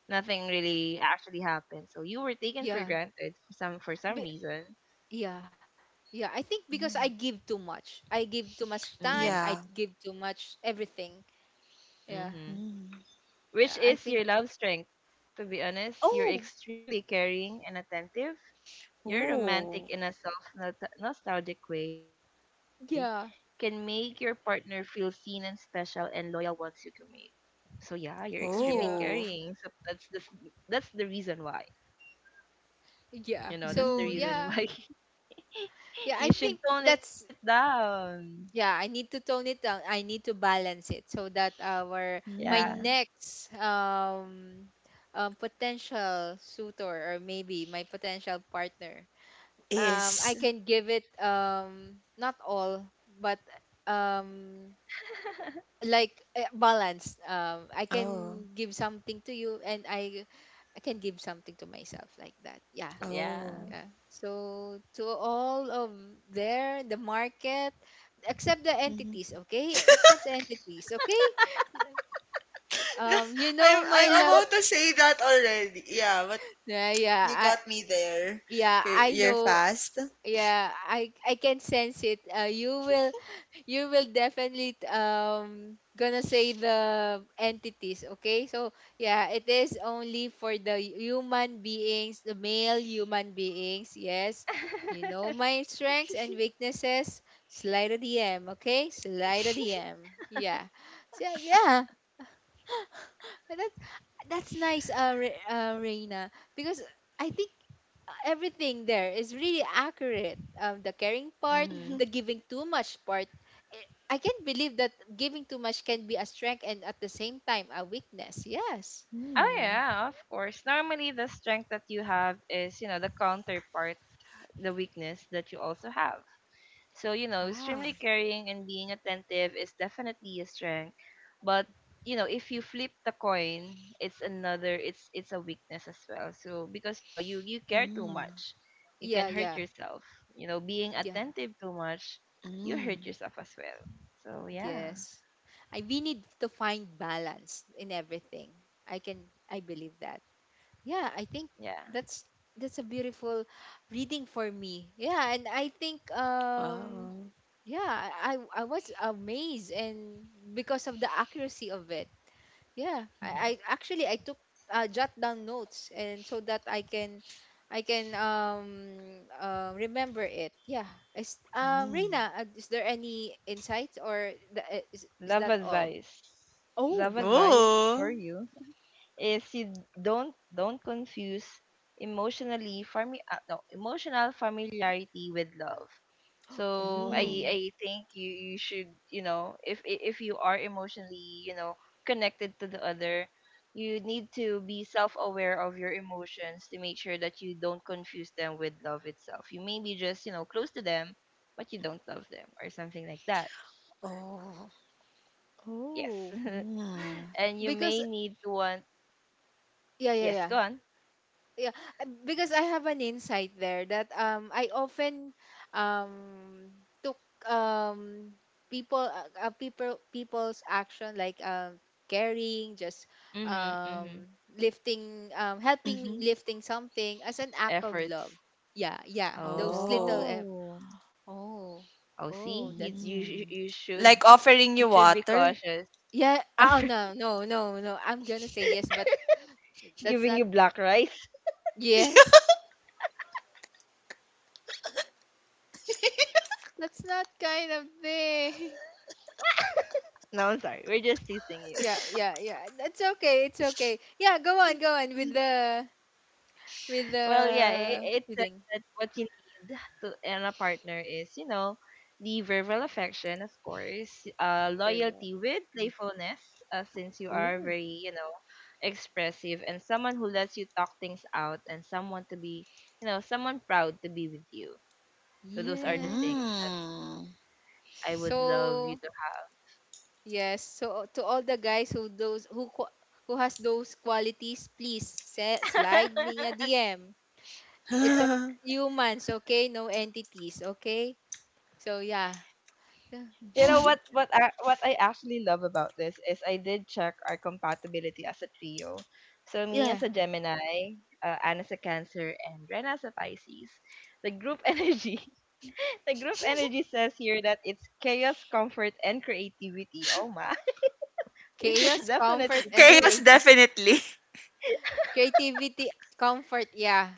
S3: nothing really actually happened, so you were taken for
S1: yeah,
S3: granted for some
S1: Be-
S3: reason.
S1: yeah, yeah. I think because I
S2: Mm.
S1: give too much. I give too much time.
S3: Mm-hmm.
S1: I
S2: Yeah.
S1: give too much everything. Yeah,
S3: Mm-hmm.
S2: Mm.
S1: yeah.
S3: Which
S1: I
S3: is
S1: think.
S3: your love strength. To be honest, you're
S1: Oh,
S3: extremely caring and attentive. Your romantic
S2: Oh,
S3: in a self no-, nostalgic way can make
S1: yeah,
S3: your partner feel seen and special and loyal once you commit. So yeah, you're extremely
S1: yeah.
S2: oh,
S3: caring. So that's that's the reason why.
S1: Yeah.
S3: You know,
S1: So
S3: that's the
S2: mm,
S1: yeah,
S3: reason why
S1: yeah. I think
S3: you should tone
S1: that's
S3: it down.
S1: yeah. I need to tone it down. I need to balance it so that our my
S3: Yeah.
S2: mm.
S1: next potential suitor or maybe my potential partner I
S2: Is
S1: can give it not all, but um like balance, I
S2: oh,
S1: can give something to you and I can give something to myself, like that. Yeah.
S2: oh.
S1: Yeah.
S3: Yeah.
S1: So to all of there, the market, except the
S2: Hmm.
S1: entities, okay? Except the entities, okay? You know my
S2: I'm
S1: love.
S2: about to say that already. Yeah, but
S1: Yeah, yeah.
S2: you
S1: I
S2: got me there.
S1: yeah, I
S2: You're
S1: know.
S2: fast.
S1: Yeah, I can sense it. You will definitely gonna say the entities, okay? So yeah, it is only for the human beings, the male human beings, yes. You know my strengths and weaknesses. Slide a DM, okay? Slide a DM. Yeah. So yeah, but that's nice, Reina, because I think everything there is really accurate. The caring part,
S3: Mhm.
S2: Mhm.
S1: the giving too much part. I can't believe that giving too much can be a strength and at the same time a weakness. Yes.
S3: Oh yeah, of course. Normally the strength that you have is, you know, the counterpart, the weakness that you also have. So, you know, extremely
S1: Wow.
S3: caring and being attentive is definitely a strength. But, you know, if you flip the coin, it's another it's a weakness as well. So because, you know, you
S2: Mm,
S3: care too
S2: mm,
S3: much, you can
S1: Yeah,
S3: hurt
S1: yeah,
S3: yourself. You know, being
S1: yeah,
S3: attentive too much, you
S2: mm.
S3: hurt yourself as well. So, yeah.
S1: yes. I we need to find balance in everything. I believe that. Yeah, I think
S3: Yeah.
S1: that's that's a beautiful reading for me. Yeah, and I think
S2: Wow.
S1: yeah, I was amazed and because of the accuracy of it. Yeah, I actually I took jot down notes and so that I can remember it. Yeah. Is
S2: Mm.
S1: Reina, is there any insights or the, is
S3: Love
S1: that all?
S3: advice.
S1: Oh
S3: Love
S1: yeah.
S3: advice for
S2: Oh.
S3: you is, you don't confuse emotionally fami- no emotional familiarity with love. So i
S1: Oh.
S2: Mm.
S3: i think you, you should, you know, if you are emotionally, you know, connected to the other, you need to be self-aware of your emotions to make sure that you don't confuse them with love itself. You may be just, you know, close to them, but you don't love them or something like that.
S2: Oh.
S3: Yes.
S1: Oh.
S2: Mm.
S3: And you
S1: Because
S3: may need to want.
S1: yeah, yeah,
S3: Yes,
S1: yeah.
S3: go on.
S1: Yeah, because I have an insight there that I often um took um people people's action, like carrying, just
S3: Mm-hmm, mm-hmm.
S1: um lifting, helping me
S2: Mm-hmm.
S1: lifting something, as an act of
S3: Efforts.
S1: love. Yeah, yeah, those little
S2: Oh.
S3: Oh,
S1: oh.
S3: oh,
S1: Oh,
S3: see, you
S1: that's.
S2: Mm.
S3: you should
S2: Like offering
S3: you
S2: you
S3: should be
S2: water?
S3: cautious
S1: Yeah, oh,
S3: of
S1: no, no, no, no, I'm gonna say yes, but that's
S3: giving you
S1: not.
S3: black rice.
S1: Yes, that's not kind of thing.
S3: No, I'm sorry, we're just teasing you.
S1: Yeah, yeah, yeah. It's okay. It's okay. Yeah, go on, go on with the with
S3: Well, yeah, it,
S1: the
S3: it says
S1: bidding
S3: that what you need to in a partner is, you know, the verbal affection, of course,
S1: farewell.
S3: loyalty with playfulness, since you are
S1: Ooh.
S3: very, you know, expressive, and someone who lets you talk things out, and someone to be, you know, someone proud to be with you. So those are the
S1: Yeah.
S3: things
S2: Mm.
S3: I would love you
S1: So
S3: to.
S1: yes. So to all the guys who has those qualities, please slide me a DM. It's all humans, okay? No entities, okay? So yeah, yeah,
S3: You know
S1: yeah.
S3: what what I actually love about this is I did check our compatibility as a trio. So me as
S1: Yeah.
S3: a Gemini, Anne as a Cancer, and Rena as a Pisces. The group energy, the group energy says here that it's chaos, comfort, and creativity. Oh my, which is
S1: Chaos, comfort,
S3: definitely
S1: and
S3: true.
S2: Chaos, definitely.
S1: creativity. Comfort, yeah.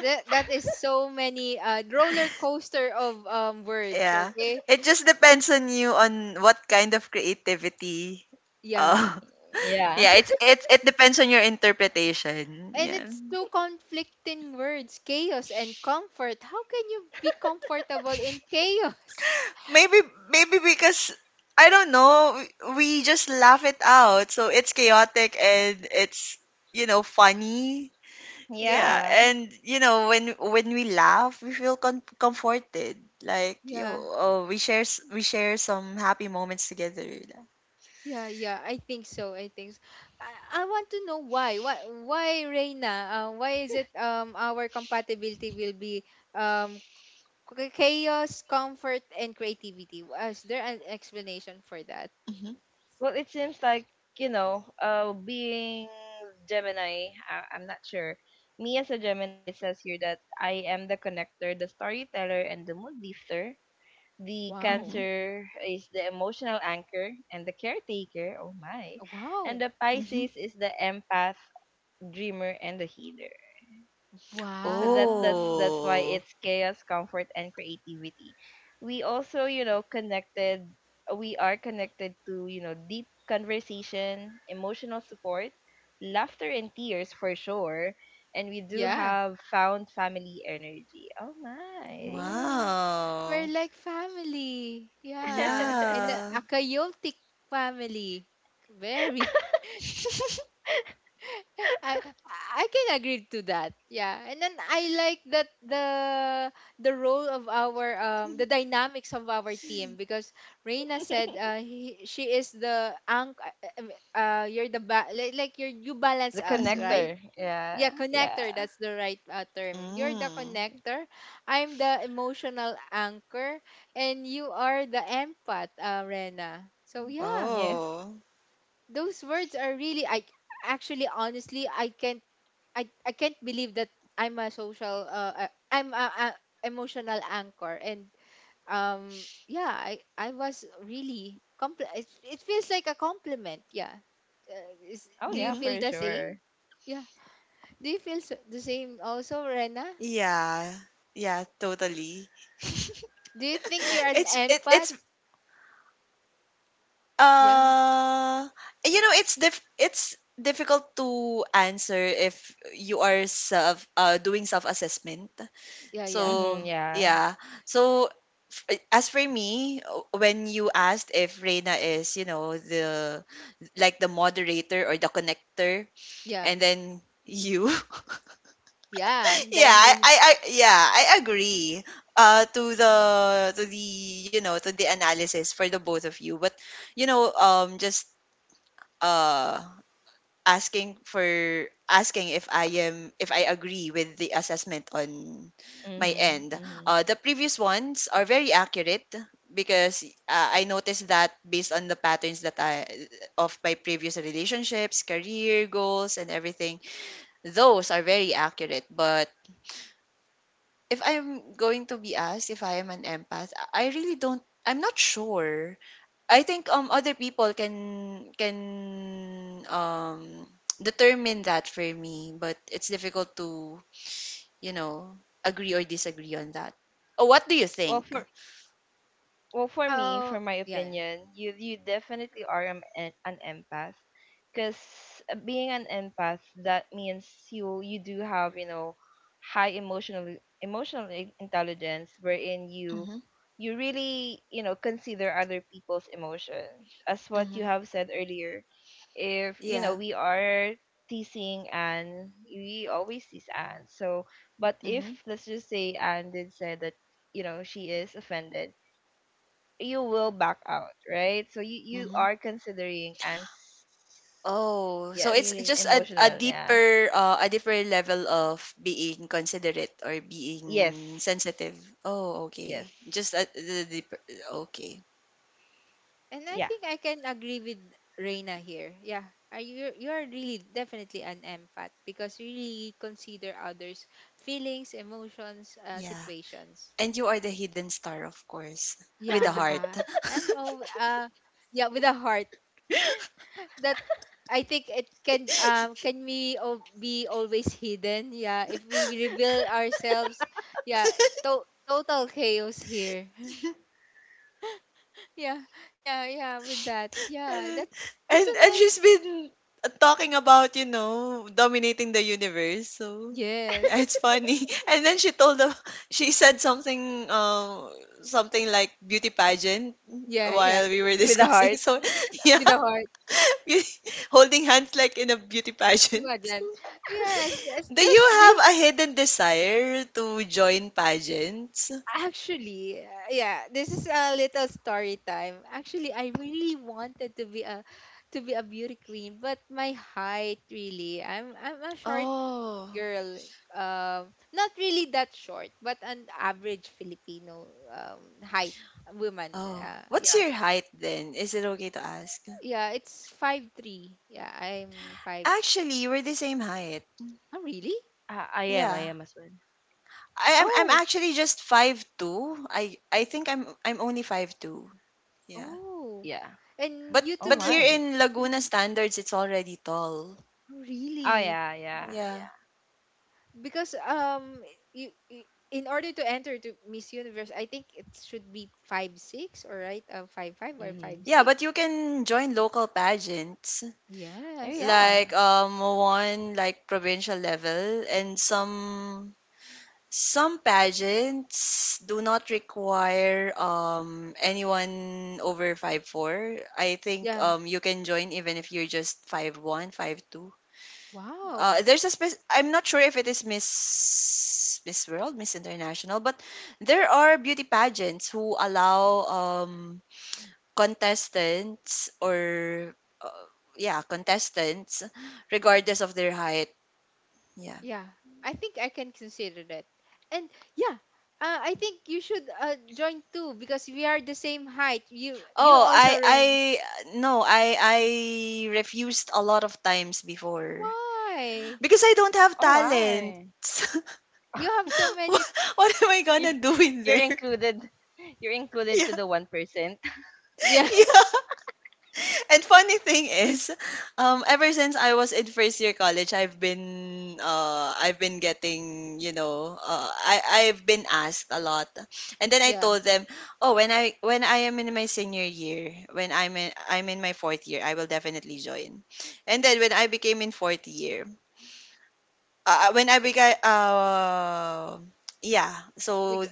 S1: That is so many roller coaster of words,
S2: Yeah.
S1: okay.
S2: It just depends on you on what kind of creativity.
S1: Yeah,
S2: Uh,
S3: Yeah,
S2: yeah, it depends on your interpretation.
S1: and
S2: Yeah.
S1: it's two conflicting words, chaos and comfort. How can you be comfortable in chaos?
S2: Maybe maybe because I don't know, we just laugh it out. So it's chaotic and it's you know funny.
S1: Yeah,
S2: Yeah,
S3: yeah.
S2: and you know when we laugh, we feel comforted. Like yo,
S1: yeah,
S2: oh, we share we share some happy moments together.
S1: yeah, yeah, I think so, I think so. I want to know why Reina, why is it our compatibility will be um chaos, comfort, and creativity? Was there an explanation for that?
S2: Mm-hmm,
S3: Well, it seems like, you know, being Gemini, I'm not sure. Me as a Gemini, it says here that I am the connector, the storyteller, and the mood lifter. The
S1: Wow,
S2: mm-hmm,
S3: Cancer is the emotional anchor and the caretaker. Oh my.
S1: wow.
S3: And the
S2: mm-hmm.
S3: Pisces is the empath, dreamer, and the healer. So that's that's
S1: Wow.
S3: that's why
S2: Oh,
S3: it's chaos, comfort, and creativity. We also, you know, connected. We are connected to, you know, deep conversation, emotional support, laughter, and tears for sure. And we do
S1: Yeah.
S3: have found family energy. Oh my,
S1: Wow. We're
S2: wow.
S1: like family. Yeah. And a,
S2: Yeah.
S1: a chaotic family. Very. I I can agree to that. Yeah. And then I like that the role of our, the dynamics of our team, because Reina said she is the anchor, you're the like you balance
S3: the
S1: us,
S2: Mm-hmm.
S1: right?
S3: connector. Yeah,
S1: Yeah,
S3: yeah,
S1: connector, that's the right term. You're the
S2: Mm.
S1: connector. I'm the emotional anchor, and you are the empath, Rena. So yeah,
S3: yes.
S2: Oh.
S1: those words are really. I actually honestly, I can't believe that I'm a emotional anchor and. Yeah, I was really it feels like a compliment. Yeah,
S3: Oh
S1: do you
S3: yeah,
S1: feel
S3: for
S1: the same?
S3: sure.
S1: Yeah. Do you feel s the same also, Rena?
S2: Yeah. Yeah, totally.
S1: Do you think you're an
S2: it's it
S1: empath?
S2: it's
S1: Yeah,
S2: uh you know it's difficult to answer if you are self doing self assessment.
S1: yeah, yeah,
S2: So,
S3: Mhm. Yeah.
S2: yeah. So as for me, when you asked if Reina is, you know, the like the moderator or the connector
S1: yeah,
S2: and then you
S1: yeah.
S2: yeah, I yeah, I agree. Uh, to the to the you know to the analysis for the both of you, but you know, just uh, asking for asking if I am if I agree with the assessment on my
S3: Mhm.
S2: end.
S3: Mhm.
S2: The previous ones are very accurate because I noticed that based on the patterns that I of my previous relationships, career goals, and everything, those are very accurate. But if I'm going to be asked if I am an empath, I really don't I'm not sure. I think other people can determine that for me, but it's difficult to, you know, agree or disagree on that. Oh, what do you
S3: Well,
S2: think?
S3: for well for me, for
S1: Oh,
S3: my
S1: yeah, yeah,
S3: opinion, you definitely are an an empath, because being an empath, that means you, you do have, you know, high emotional intelligence, wherein you
S2: Mhm.
S3: you really, you know, consider other people's emotions. As what you
S2: Mhm.
S3: have said earlier, if you know
S2: Yeah.
S3: we are teasing, and we always tease Anne, so but if
S2: Mhm.
S3: let's just say Anne did say that, you know, she is offended, you will back out, right? So you
S2: Mhm.
S3: are considering, and
S2: Oh, so it's
S3: yes,
S1: feeling.
S2: just
S3: emotional, yeah.
S2: a deeper level of being considerate or
S3: Yes.
S2: being sensitive. Oh, okay.
S3: Yes.
S2: Just a, the deeper. Okay,
S1: And I
S3: Yeah.
S1: think I can agree with Reina here. Yeah, are you're really definitely an empath, because you really consider others' feelings, emotions,
S2: yeah.
S1: situations.
S2: And you are the hidden star, of course, with
S1: Yeah,
S2: a heart.
S1: I'm al- uh, yeah, with a heart. That. I think it can we all be always hidden. Yeah, if we reveal ourselves, yeah, total chaos here. Yeah, yeah, yeah. With that, yeah, that's
S2: and
S1: that's a
S2: and
S1: nice.
S2: she's been talking about you know dominating the universe, so yeah it's
S1: Yes,
S2: funny. And then she told the she said something something like beauty pageant
S1: yeah, yeah.
S2: while we were
S3: With a
S2: discussing.
S3: heart.
S2: So yeah.
S1: With the heart,
S2: we- holding hands like in a beauty pageant.
S1: imagine. Yes, it's
S2: Do you
S1: just
S2: have
S1: be.
S2: a hidden desire to join pageants?
S1: Actually, yeah, this is a little story time. Actually, I really wanted to be a beauty queen, but my height really, I'm a short
S2: Oh.
S1: girl, um, not really that short, but an average Filipino height woman.
S2: Oh, what's
S1: Yeah,
S2: your height then? Is it okay to ask?
S1: yeah, it's 5'3". Yeah, I'm five.
S2: Actually, we're the same height.
S1: Oh, really?
S3: I am. I
S2: Yeah.
S3: am as well.
S2: I'm
S1: Oh,
S2: actually just 5'2". I think I'm only 5'2". Yeah.
S1: oh,
S3: Yeah.
S1: and you
S3: Oh
S1: two
S2: But here
S3: my.
S2: in Laguna standards it's already tall.
S3: Oh
S1: really,
S3: yeah, yeah,
S2: Yeah.
S3: yeah.
S1: because you in order to enter to Miss Universe, I think it should be 5'6" or right, five five or
S3: Mm-hmm.
S1: five
S2: Yeah, but
S1: six.
S2: you can join local pageants
S3: Oh
S1: Yes.
S3: yeah.
S2: like one like provincial level and some. Some pageants do not require anyone over 5'4". I think
S1: Yeah.
S2: you can join even if you're just 5'1", 5'2".
S1: Wow.
S2: Uh, there's a spec I'm not sure if it is Miss World, Miss International, but there are beauty pageants who allow um contestants or uh, yeah, contestants regardless of their height. Yeah.
S1: Yeah, I think I can consider that. And yeah, I think you should join too, because we are the same height. You
S2: Oh,
S1: also ran.
S2: I no, I refused a lot of times before
S1: Why?
S2: because I don't have
S3: Oh
S2: talent.
S3: why?
S1: You have so
S2: what,
S1: many.
S2: what am I gonna
S3: You-
S2: do in
S3: You're
S2: there?
S3: included. You're included to
S2: Yeah,
S3: the 1%.
S1: Yeah,
S2: yeah. And funny thing is, ever since I was in first year college, I've been getting you know I I've been asked a lot, and then I
S1: yeah.
S2: told them, oh when I am in my senior year, when I'm in my fourth year, I will definitely join. And then when I became in fourth year, when I became yeah,
S1: We
S2: so
S1: g-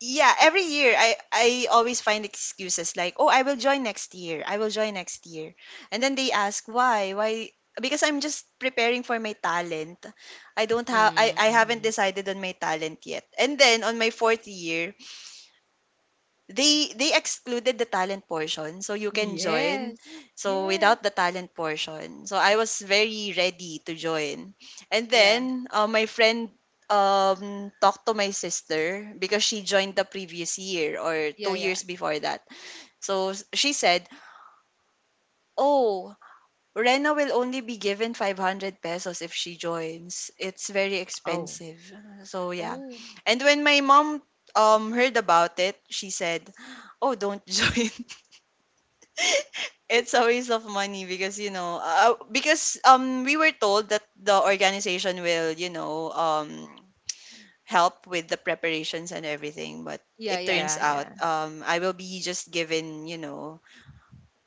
S2: yeah,
S1: y-
S2: every year I always find excuses like, "Oh, I will join next year. I will join next year." And then they ask, "Why? Why?" Because I'm just preparing for my talent.
S3: Mm-hmm.
S2: I haven't
S3: Mm-hmm.
S2: decided on my talent yet. And then on my fourth year, they excluded the talent portion, so you can join.
S1: yes,
S2: So
S1: yes.
S2: without the talent portion, so I was very ready to join. And
S1: Yeah,
S2: then my friend talked to my sister because she joined the previous year or
S1: yeah,
S2: two
S1: yeah.
S2: years before that. So she said, "Oh, Rena will only be given 500 pesos if she joins. It's very
S3: Oh.
S2: expensive." So yeah.
S1: Oh,
S2: And when my mom heard about it, she said, "Oh, don't join." It's a waste of money because you know because we were told that the organization will you know help with the preparations and everything, but
S1: yeah,
S2: it
S1: yeah,
S2: turns
S3: Yeah.
S2: out
S3: Yeah.
S2: I will be just given you know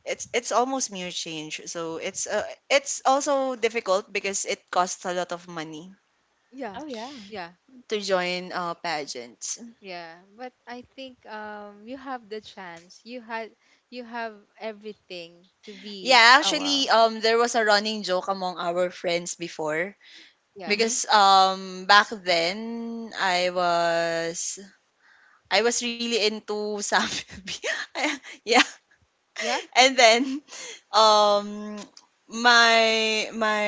S2: it's almost mere change, so it's also difficult because it costs a lot of money
S1: yeah,
S3: Oh yeah.
S1: yeah,
S2: to join pageants.
S1: yeah. But I think you have the chance. You have everything to be.
S2: Yeah,
S3: Oh wow.
S2: actually there was a running joke among our friends before.
S1: Yeah,
S3: Mm-hmm.
S2: Because back then I was really into some, yeah.
S1: yeah,
S2: And then um my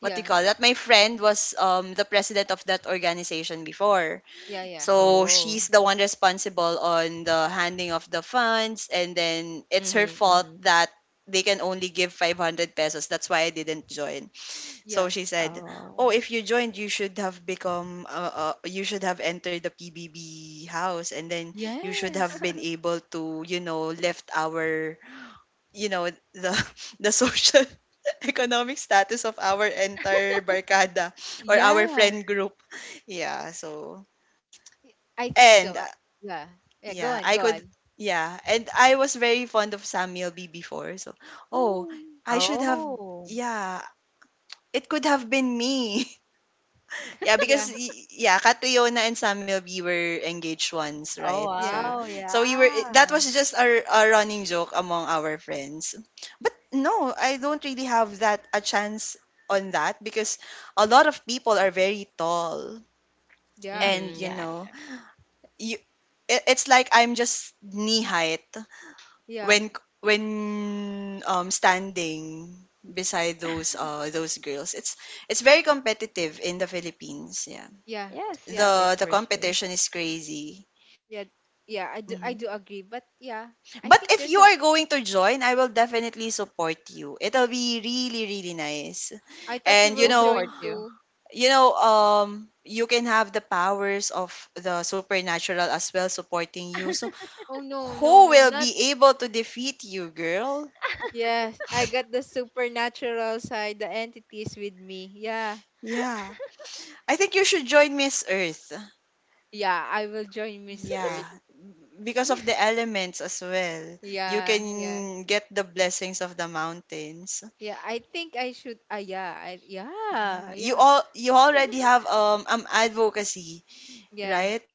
S2: what do you
S1: yeah,
S2: call that? My friend was the president of that organization before.
S1: yeah, yeah.
S2: So
S3: Oh.
S2: she's the one responsible on the handing of the funds, and then it's her
S3: Mm-hmm.
S2: fault
S3: Mm-hmm.
S2: that they can only give 500 pesos. That's why I didn't join.
S1: Yeah,
S2: So she said, "Oh,
S3: Oh.
S2: if you joined, you should have become you should have entered the PBB house and then you should have
S1: Yes.
S2: been able to, you know, left our, you know, the the social economic status of our entire barkada or our
S1: Yeah.
S2: friend group." Yeah, so
S1: I think so.
S2: and
S1: Yeah. Yeah. Go
S2: yeah,
S1: on.
S2: I
S1: Go
S2: could
S1: on.
S2: yeah, and I was very fond of Samuel B before, so oh,
S1: Ooh.
S2: I should have
S3: Oh.
S2: yeah, it could have been me. Yeah,
S1: Yeah,
S2: because yeah, Catriona and Samuel we were engaged once,
S3: Oh,
S2: right? So
S1: yeah,
S3: wow,
S2: so we were that
S3: yeah.
S2: was just our a running joke among our friends. But no, I don't really have that a chance on that because a lot of people are very tall
S1: yeah,
S2: and
S3: Mm-hmm,
S2: you
S3: yeah.
S2: know, you it, it's like I'm just knee height
S1: yeah,
S2: when standing beside those girls. It's very competitive in the Philippines. Yeah,
S1: yeah,
S3: Yes, it
S1: yeah,
S3: is
S2: the
S3: for sure.
S2: competition is crazy.
S1: yeah, yeah. I do, I
S2: Mhm.
S1: do agree, but yeah, I
S2: But
S1: think
S2: if
S1: there's
S2: you
S1: a.
S2: are going to join, I will definitely support you. It'll be really really nice.
S1: I thought you
S2: And you
S3: We'll
S1: will
S2: know,
S3: support
S1: join
S3: you.
S1: too.
S2: you know you can have the powers of the supernatural as well supporting you. So
S1: Oh, no, no,
S2: who
S1: no,
S2: will
S1: not.
S2: be able to defeat you, girl?
S1: Yes, I got the supernatural side, the entities with me. Yeah,
S2: Yeah. I think you should join Miss Earth.
S1: yeah, I will join Miss
S2: Yeah.
S1: Earth.
S2: Because of the elements as well. You
S1: Yeah, yeah,
S2: can get the blessings of the mountains.
S1: yeah. I think I should. Ah, yeah, yeah,
S2: Yeah, you
S1: yeah,
S2: all you already have advocacy,
S1: yeah.
S2: right?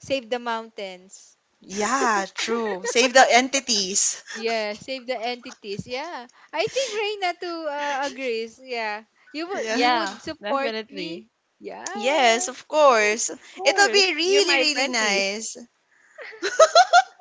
S1: Save the mountains.
S2: Yeah, true. Save the entities.
S1: Yeah, save the entities. Yeah. I think Reina too agrees. Yeah. You would
S2: Yeah.
S1: you
S3: Yeah,
S1: would support me?
S3: definitely.
S1: Yeah.
S2: Yes, of
S3: Yes,
S2: course.
S3: of
S2: It'll be
S3: course. You're
S2: really
S3: my
S2: really
S3: apprentice.
S2: nice.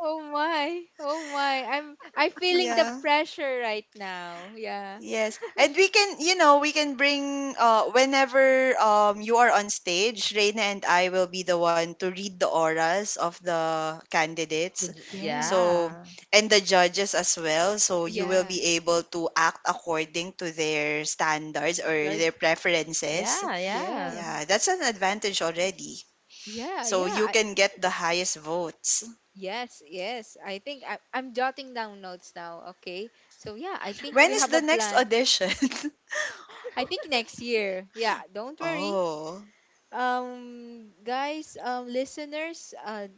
S1: Oh my. Oh my. I'm feeling the
S2: Yeah.
S1: pressure right now. Yeah.
S2: Yes, and we can, you know, we can bring whenever you are on stage, Reina and I will be the one to read the auras of the candidates.
S1: Yes.
S2: So,
S3: Yeah.
S2: and the judges as well. So you will
S1: Yeah.
S2: be able to act according to their standards or
S1: Large.
S2: their preferences.
S3: Yeah, yeah.
S1: Yes.
S2: Yeah, that's an advantage already.
S1: Yeah,
S2: So
S1: yeah.
S2: you can get the highest votes.
S1: Yes, yes. I think I'm jotting down notes now, okay? So yeah, I think
S2: When
S1: we
S2: is
S1: have
S2: the
S1: a
S2: next
S1: plan.
S2: audition?
S1: I think next year. Yeah, don't worry.
S2: Oh.
S1: Guys, listeners,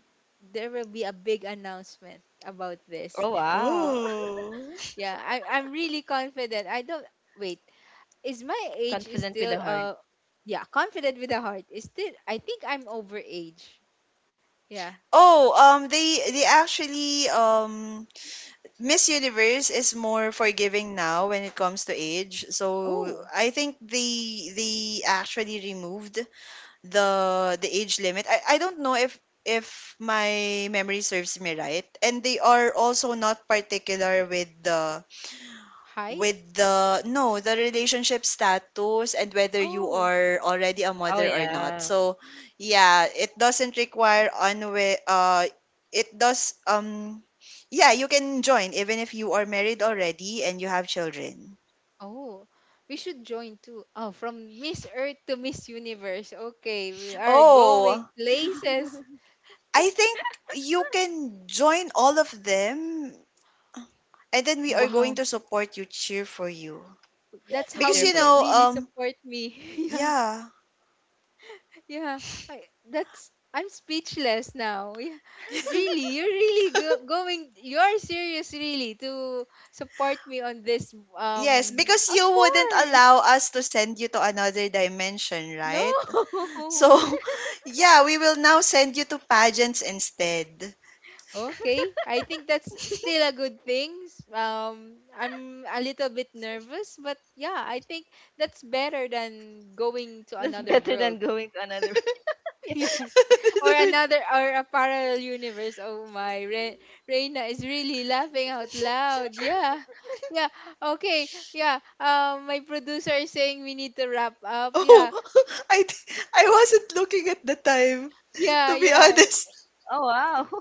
S1: there will be a big announcement about this.
S3: Oh, wow.
S2: Oh.
S1: Yeah, I'm really confident. I don't. Wait. Is my age is
S3: Confident with
S1: still
S3: the heart.
S1: yeah, confident with the heart is still. I think I'm over age. Yeah.
S2: Oh, they actually Miss Universe is more forgiving now when it comes to age. So
S1: Oh,
S2: I think they actually removed the the age limit. I don't know if my memory serves me right, and they are also not particular
S1: height.
S2: with the no the relationship status and whether you
S1: Oh,
S2: are already a
S3: Oh,
S2: mother or not.
S3: yeah.
S2: So yeah, it doesn't require unwe- it does yeah, you can join even if you are married already and you have children.
S1: oh. We should join too. Oh, from Miss Earth to Miss Universe. Okay, we are going
S2: Oh,
S1: places.
S2: I think you can join all of them, and then we are going
S1: Wow,
S2: to support you, cheer for you,
S1: that's
S3: We'll
S1: how
S2: because
S3: cheer
S1: you
S2: you
S3: for
S1: sup
S3: you.
S2: know
S1: really support me. Yeah.
S2: yeah.
S1: Yeah, I, I'm speechless now. Yeah, really, you're really going. You're serious, really, to support me on this.
S2: Yes, because
S3: Of
S2: you wouldn't
S3: course.
S2: allow us to send you to another dimension,
S1: No.
S2: right? So, yeah, we will now send you to pageants instead.
S1: Okay, I think that's still a good thing. I'm a little bit nervous, but yeah, I think that's better than going to
S3: That's
S1: another
S3: better than
S1: world.
S3: going to another. Yeah.
S1: Yes. Or another or a parallel universe. Oh my. Reina is really laughing out loud. Yeah. Yeah. Okay. Yeah. My producer is saying we need to wrap up.
S2: Oh,
S1: Yeah.
S2: I I d- I wasn't looking at the time,
S1: Yeah,
S2: to be
S1: yeah.
S2: honest.
S3: Oh, wow.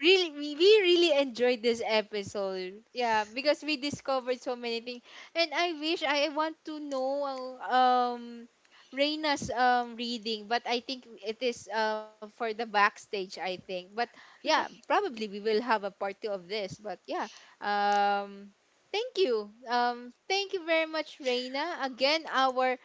S1: Really, we really enjoyed this episode, yeah, because we discovered so many things, and I want to know Reina's reading. But I think it is for the backstage, I think. But yeah, probably we will have a part two of this but yeah um thank you. Thank you very much, Reina, again. Our,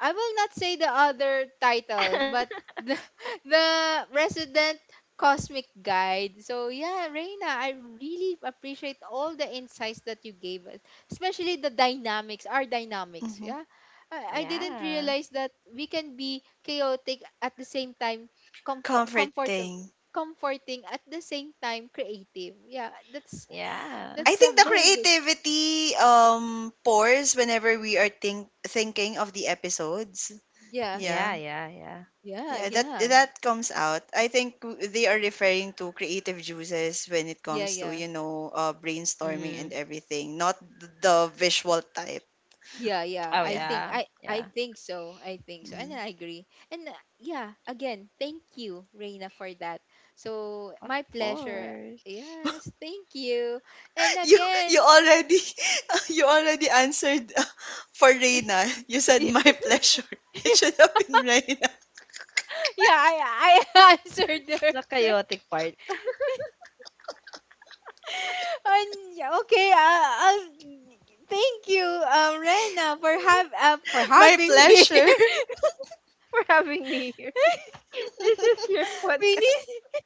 S1: I will not say the other titles, but the, the resident cosmic guide. So yeah, Reina, I really appreciate all the insights that you gave us, especially the dynamics, our dynamics.
S2: Mhm.
S1: Yeah, I didn't
S3: Yeah.
S1: realize that we can be chaotic at the same time, comfort, comfort,
S2: Comforting.
S1: comforting at the same time, creative. Yeah, that's
S3: Yeah.
S2: I
S1: that's a
S2: think the
S1: very good.
S2: creativity pours whenever we are thinking of the episodes.
S1: Yeah,
S2: Yeah.
S3: Yeah, yeah, yeah.
S1: yeah,
S2: Yeah, that
S1: yeah,
S2: that comes out. I think they are referring to creative juices when it
S1: yeah,
S2: comes to,
S1: yeah.
S2: you know, brainstorming and
S3: Mm-hmm.
S2: everything, not the visual type.
S1: Yeah, yeah.
S3: Oh,
S2: Yeah.
S3: yeah.
S1: I
S3: Yeah.
S1: think so. I think so.
S2: Yeah.
S1: And I agree. And yeah, again, thank you, Reina, for that. So
S3: Of
S1: my pleasure.
S3: course.
S1: Yes, thank you. And
S2: You you
S1: again,
S2: already you already answered for Reina. You said my pleasure. It
S1: yeah,
S2: should have been Reina.
S1: I answered the
S3: The
S1: question.
S3: chaotic part
S1: And yeah, okay, thank you, Rena, for have for
S2: My
S1: having me.
S2: pleasure.
S3: for having me here. This is your
S1: We
S3: podcast.
S1: need.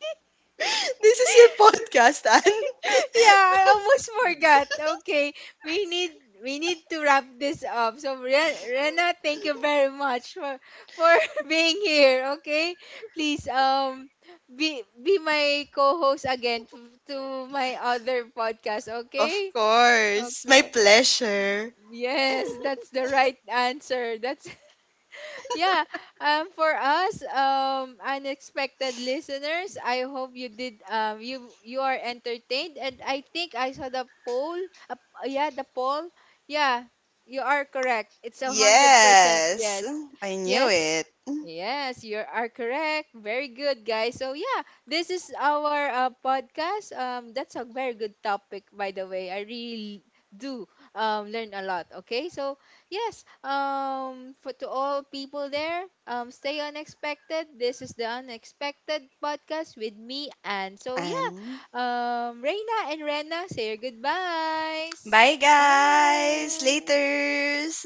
S2: This is your podcast, Anne.
S1: Yeah, I almost forgot. Okay, we need to wrap this up. So Rena, thank you very much for being here. Okay, please be my co-host again to my other podcast.
S2: Of
S1: Okay,
S2: course. My
S1: okay.
S2: pleasure.
S1: Yes, that's the right answer. That's Yeah, for us, unexpected listeners, I hope you did, you you are entertained, and I think I saw the poll. Uh, yeah, the poll. Yeah, you are correct. It's 100%
S2: Yes.
S1: yes.
S2: I knew
S1: Yes,
S2: it.
S1: yes, you are correct. Very good, guys. So yeah, this is our podcast. That's a very good topic, by the way. I really do learn a lot. Okay, so yes, for to all people there, stay unexpected. This is the Unexpected Podcast with me, and so yeah,
S2: And
S1: Reina and Rena, say your goodbyes.
S2: bye, guys.
S3: Bye.
S2: Laters.